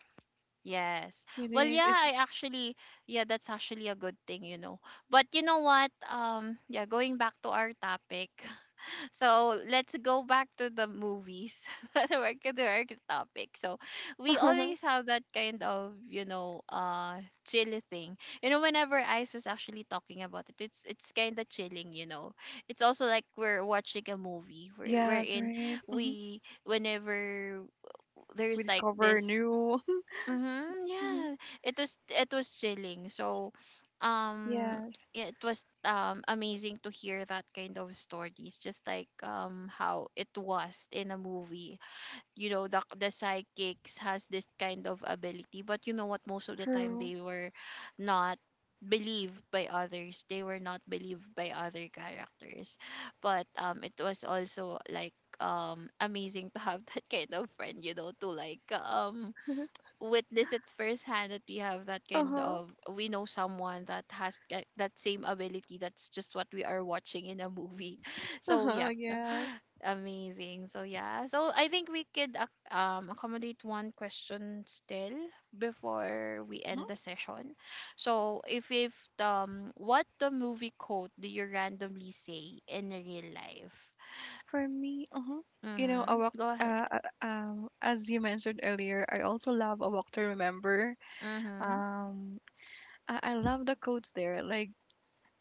Speaker 1: Yes.
Speaker 3: it
Speaker 1: Well,
Speaker 3: is.
Speaker 1: yeah,
Speaker 3: It's
Speaker 1: I actually, yeah, that's actually a good thing, you know. But you know what? Yeah, going back to our topic. So let's go back to the movies. Back to our topic. So we always have that kind of, you know, chill thing. You know, whenever Ice was actually talking about it, it's kind of chilling, you know. It's also like we're watching a movie.
Speaker 3: yes, right. Mm-hmm.
Speaker 1: Whenever
Speaker 3: We
Speaker 1: there's like
Speaker 3: discover
Speaker 1: this
Speaker 3: new.
Speaker 1: mm-hmm.
Speaker 3: Mm-hmm.
Speaker 1: Yeah, it was chilling. So, um,
Speaker 3: Yes,
Speaker 1: yeah, it was amazing to hear that kind of stories, just like how it was in a movie. You know, the psychics has this kind of ability, but you know what? Most of the time,
Speaker 3: true.
Speaker 1: they were not believed by others. They were not believed by other characters, but it was also like amazing to have that kind of friend. You know, to like witness it firsthand that we have that kind
Speaker 3: Uh-huh.
Speaker 1: of, we know someone that has that, that same ability, that's just what we are watching in a movie. So
Speaker 3: Uh-huh,
Speaker 1: yeah.
Speaker 3: yes.
Speaker 1: Amazing. So yeah, so I think we could accommodate one question still before we end
Speaker 3: Mm-hmm.
Speaker 1: the session. So if what the movie quote do you randomly say in real life?
Speaker 3: For me, uh-huh. You know, a
Speaker 1: Mm-hmm,
Speaker 3: walk
Speaker 1: go ahead.
Speaker 3: as you mentioned earlier, I also love a walk to remember.
Speaker 1: Mm-hmm.
Speaker 3: Um I love the quotes there, like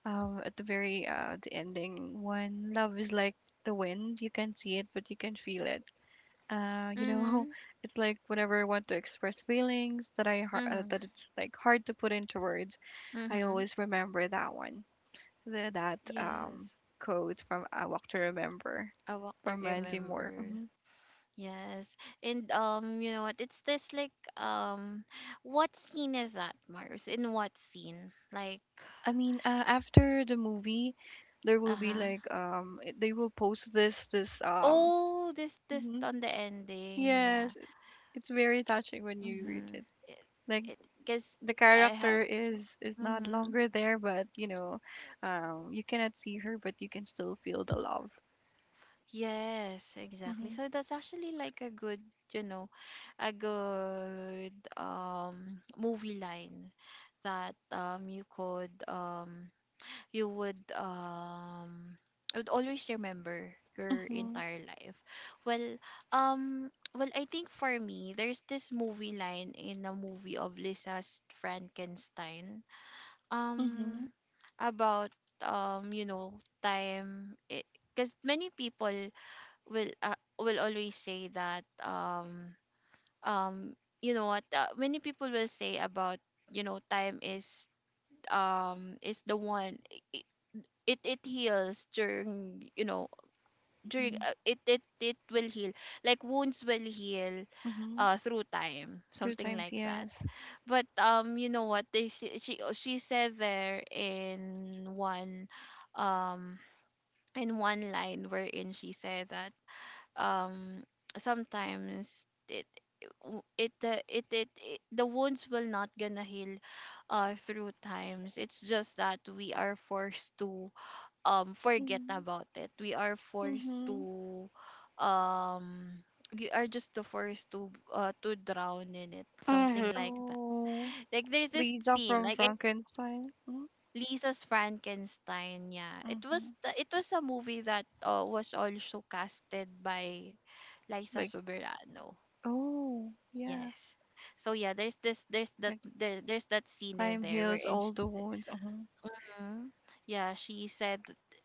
Speaker 3: at the very the ending one, love is like the wind, you can see it but you can feel it. You know,
Speaker 1: Mm-hmm.
Speaker 3: it's like whenever I want to express feelings
Speaker 1: Mm-hmm.
Speaker 3: that it's like hard to put into words, I
Speaker 1: Mm-hmm.
Speaker 3: always remember that one. The, that
Speaker 1: Yes.
Speaker 3: quote from A Walk to Remember
Speaker 1: A Walk to
Speaker 3: from Mandy Moore.
Speaker 1: Remember.
Speaker 3: Hmm.
Speaker 1: Yes. And you know what? It's this like what scene is that, Mars? In what scene? Like
Speaker 3: I mean, after the movie, there will be
Speaker 1: uh-huh.
Speaker 3: like they will post this, um.
Speaker 1: Oh, this
Speaker 3: Mhm.
Speaker 1: on the ending, yeah.
Speaker 3: Yes, it- it's very touching when you read
Speaker 1: Mm-hmm.
Speaker 3: it.
Speaker 1: It
Speaker 3: Like
Speaker 1: it because
Speaker 3: the
Speaker 1: I
Speaker 3: character
Speaker 1: have
Speaker 3: is not
Speaker 1: mm-hmm.
Speaker 3: longer there, but you know, you cannot see her, but you can still feel the love.
Speaker 1: Yes, exactly.
Speaker 3: Mm-hmm.
Speaker 1: So that's actually like a good, you know, a good movie line that you could you would I would always remember your
Speaker 3: Mm-hmm.
Speaker 1: entire life. Well, um well, I think for me there's this movie line in a movie of Lisa's Frankenstein.
Speaker 3: Mm-hmm.
Speaker 1: Um about you know, time, because many people will always say that um you know what, many people will say about, you know, time is the one, it heals during, you know, during it will heal, like wounds will heal
Speaker 3: Mm-hmm.
Speaker 1: through time,
Speaker 3: Two
Speaker 1: something
Speaker 3: times,
Speaker 1: like that.
Speaker 3: yes.
Speaker 1: But you know what they s- she said there um in one line wherein she said that um sometimes it w- it it, it it the wounds will not gonna heal through times, it's just that we are forced to forget
Speaker 3: Mm-hmm.
Speaker 1: about it. We are forced
Speaker 3: Mm-hmm.
Speaker 1: to um we are just the forced to drown in it. Something
Speaker 2: Mm-hmm.
Speaker 1: like that.
Speaker 3: Oh,
Speaker 1: Like there's this
Speaker 3: Lisa
Speaker 1: scene,
Speaker 3: from
Speaker 1: like in
Speaker 3: Frankenstein. Mm-hmm.
Speaker 1: Lisa's Frankenstein, yeah. It
Speaker 3: Mm-hmm.
Speaker 1: was the, it was a movie that was also casted by Liza
Speaker 3: Like,
Speaker 1: Soberano.
Speaker 3: oh, yeah.
Speaker 1: Yes. So yeah, there's this there's that
Speaker 3: Like
Speaker 1: there, there's that scene in
Speaker 3: time
Speaker 1: there
Speaker 3: heals
Speaker 1: wherein
Speaker 3: all
Speaker 1: she's
Speaker 3: the wounds. Uh-huh.
Speaker 1: mm. Yeah,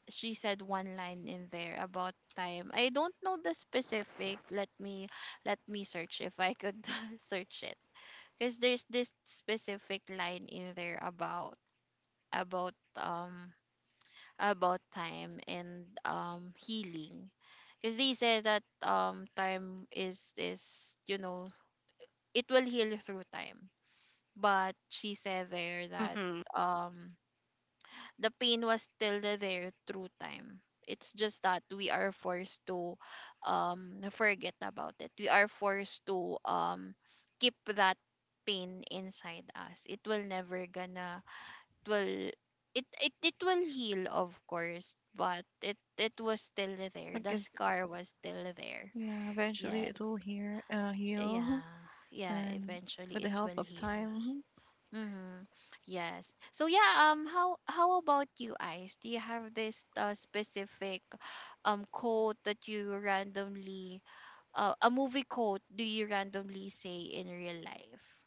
Speaker 1: she said one line in there about time. I don't know the specific. Let me search if I could search it. Cuz there's this specific line in there about about um about time and healing. Cuz they said that time is, you know, it will heal through time. But she said there that
Speaker 2: Mm-hmm.
Speaker 1: um the pain was still there through time. It's just that we are forced to forget about it. We are forced to keep that pain inside us. It will never gonna, it will, it will heal of course, but it was still there.
Speaker 3: Like,
Speaker 1: The
Speaker 3: it's,
Speaker 1: scar was still there.
Speaker 3: yeah. Eventually,
Speaker 1: Yes.
Speaker 3: it will heal.
Speaker 1: Yeah. Yeah,
Speaker 3: And with
Speaker 1: eventually
Speaker 3: the
Speaker 1: it
Speaker 3: help
Speaker 1: will
Speaker 3: of
Speaker 1: heal.
Speaker 3: time. Mm-hmm.
Speaker 1: Mm-hmm. Yes. So yeah, how about you, Ice? Do you have this specific quote that you randomly a movie quote do you randomly say in real life?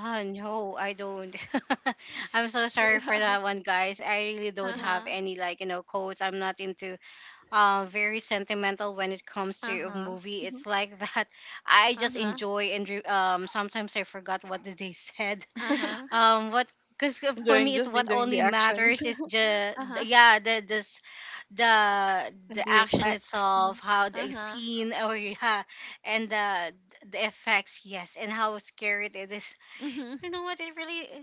Speaker 2: Ah, no, I don't. I'm so sorry for
Speaker 1: Uh-huh.
Speaker 2: that one, guys. I really don't
Speaker 3: Mm-hmm.
Speaker 2: have
Speaker 1: Uh-huh.
Speaker 2: any like, you know, quotes. I'm not into very sentimental when it comes to a movie.
Speaker 3: Mm-hmm.
Speaker 2: It's like that. I just
Speaker 1: Uh-huh.
Speaker 2: enjoy and sometimes I forgot what did they said.
Speaker 1: Uh-huh.
Speaker 2: What because for
Speaker 3: Enjoying,
Speaker 2: me it's
Speaker 3: just
Speaker 2: what
Speaker 3: enjoying the
Speaker 2: only
Speaker 3: action
Speaker 2: matters is
Speaker 1: Uh-huh.
Speaker 2: yeah the
Speaker 3: and the
Speaker 2: action
Speaker 3: effects. Mhm.
Speaker 2: itself, how the
Speaker 1: Uh-huh.
Speaker 2: scene, or yeah, and the effects, yes, and how scary it is.
Speaker 1: Mhm.
Speaker 2: You know what? I really eh,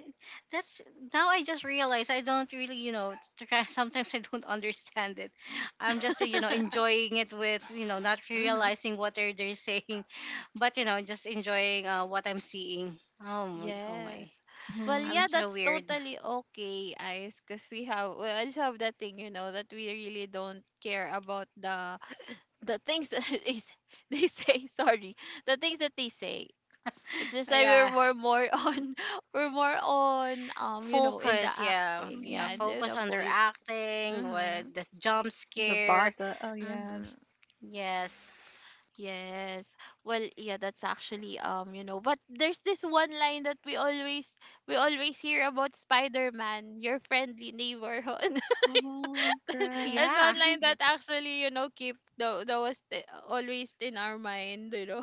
Speaker 2: that's now I just realized I don't really you know sometimes I don't understand it. I'm just you know enjoying it with you know not
Speaker 1: Mm-hmm.
Speaker 2: realizing what they're saying, but you know just enjoying what I'm seeing. Oh
Speaker 1: Yes.
Speaker 2: my,
Speaker 1: Well,
Speaker 2: I'm
Speaker 1: yeah,
Speaker 3: Mhm.
Speaker 2: so
Speaker 1: that's
Speaker 2: weird.
Speaker 1: totally okay, Ice, because we have, we also have that thing, you know, that we really don't care about the things that they say sorry, the things that they say. It's just like we're
Speaker 2: Yeah,
Speaker 1: more on we're more on you know, in the
Speaker 2: focus.
Speaker 1: acting,
Speaker 2: Yeah,
Speaker 1: yeah, and
Speaker 3: Mhm.
Speaker 1: in
Speaker 2: focus
Speaker 1: the
Speaker 2: on their
Speaker 1: full
Speaker 2: acting,
Speaker 1: mm-hmm.
Speaker 2: with the jump
Speaker 3: The
Speaker 2: scare.
Speaker 3: bata. Oh yes.
Speaker 1: Mm-hmm.
Speaker 2: Yes.
Speaker 1: Yes. Well, yeah, that's actually you know, but there's this one line that we always, we always hear about Spider-Man, your friendly neighborhood.
Speaker 3: Mhm. Correct.
Speaker 1: That's
Speaker 2: Yeah,
Speaker 1: one line
Speaker 3: Mhm.
Speaker 1: that
Speaker 2: that's
Speaker 1: actually, you know, keep the that was always in our mind, you know.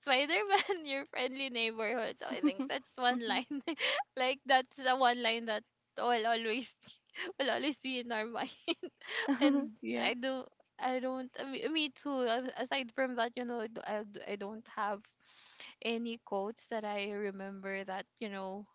Speaker 1: Spider-Man, your friendly neighborhood. So I think
Speaker 3: Mhm.
Speaker 1: that's one line. Like that's the one line that will always will always be in our mind. And
Speaker 3: Yeah.
Speaker 1: I do I don't I mean, me too. Aside from that, you know, I, do- I d- I don't have any quotes that I remember that, you know,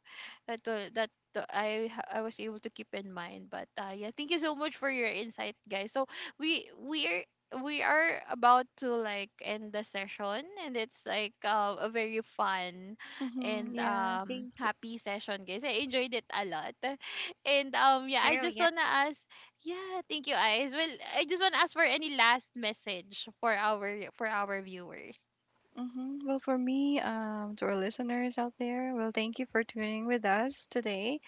Speaker 1: that will, that the- I ha- I was able to keep in mind. But yeah, thank you so much for your insight, guys. So we we are we are about to like end the session, and it's like a very fun and
Speaker 3: Mm-hmm. Yeah, thank you.
Speaker 1: happy session, guys. I enjoyed it a lot. And yeah, I
Speaker 2: true.
Speaker 1: just wanna ask, yeah, thank you guys. Well, I just wanna ask for any last message for our viewers.
Speaker 3: Mm-hmm. Well, for me, to our listeners out there, well, thank you for tuning with us today.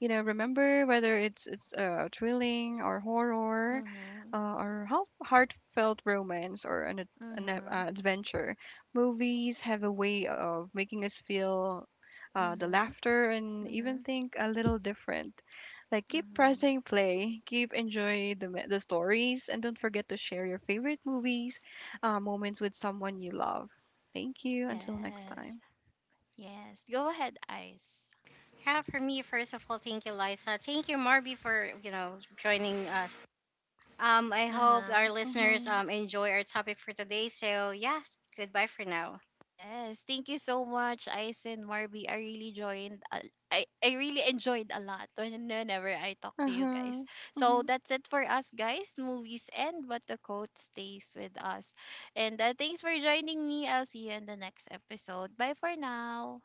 Speaker 3: You know, remember, whether it's thrilling or horror,
Speaker 1: Mm-hmm.
Speaker 3: heartfelt romance or
Speaker 1: Mm-hmm.
Speaker 3: adventure, movies have a way of making us feel, the
Speaker 1: Mm-hmm.
Speaker 3: laughter and even
Speaker 1: Mm-hmm.
Speaker 3: think a little different. Like keep pressing
Speaker 1: Mm-hmm.
Speaker 3: play, keep enjoy the, the stories, and don't forget to share your favorite movies, moments with someone you love. Thank you, until next
Speaker 1: Yes.
Speaker 3: time.
Speaker 1: Yes. Go ahead, Ice.
Speaker 2: Yeah, for me, first of all, thank you, Liza. Thank you, Marby, for you know joining us. I hope
Speaker 1: Uh-huh.
Speaker 2: our listeners
Speaker 3: Mm-hmm.
Speaker 2: enjoy our topic for today. So yeah, goodbye for now.
Speaker 1: Yes. Thank you so much, Ice and Marby. I really joined I really enjoyed a lot when- whenever I talk to you guys.
Speaker 3: Uh-huh.
Speaker 1: So
Speaker 3: Mm-hmm.
Speaker 1: that's it for us, guys. Movies end, but the quote stays with us. And thanks for joining me. I'll see you in the next episode. Bye for now.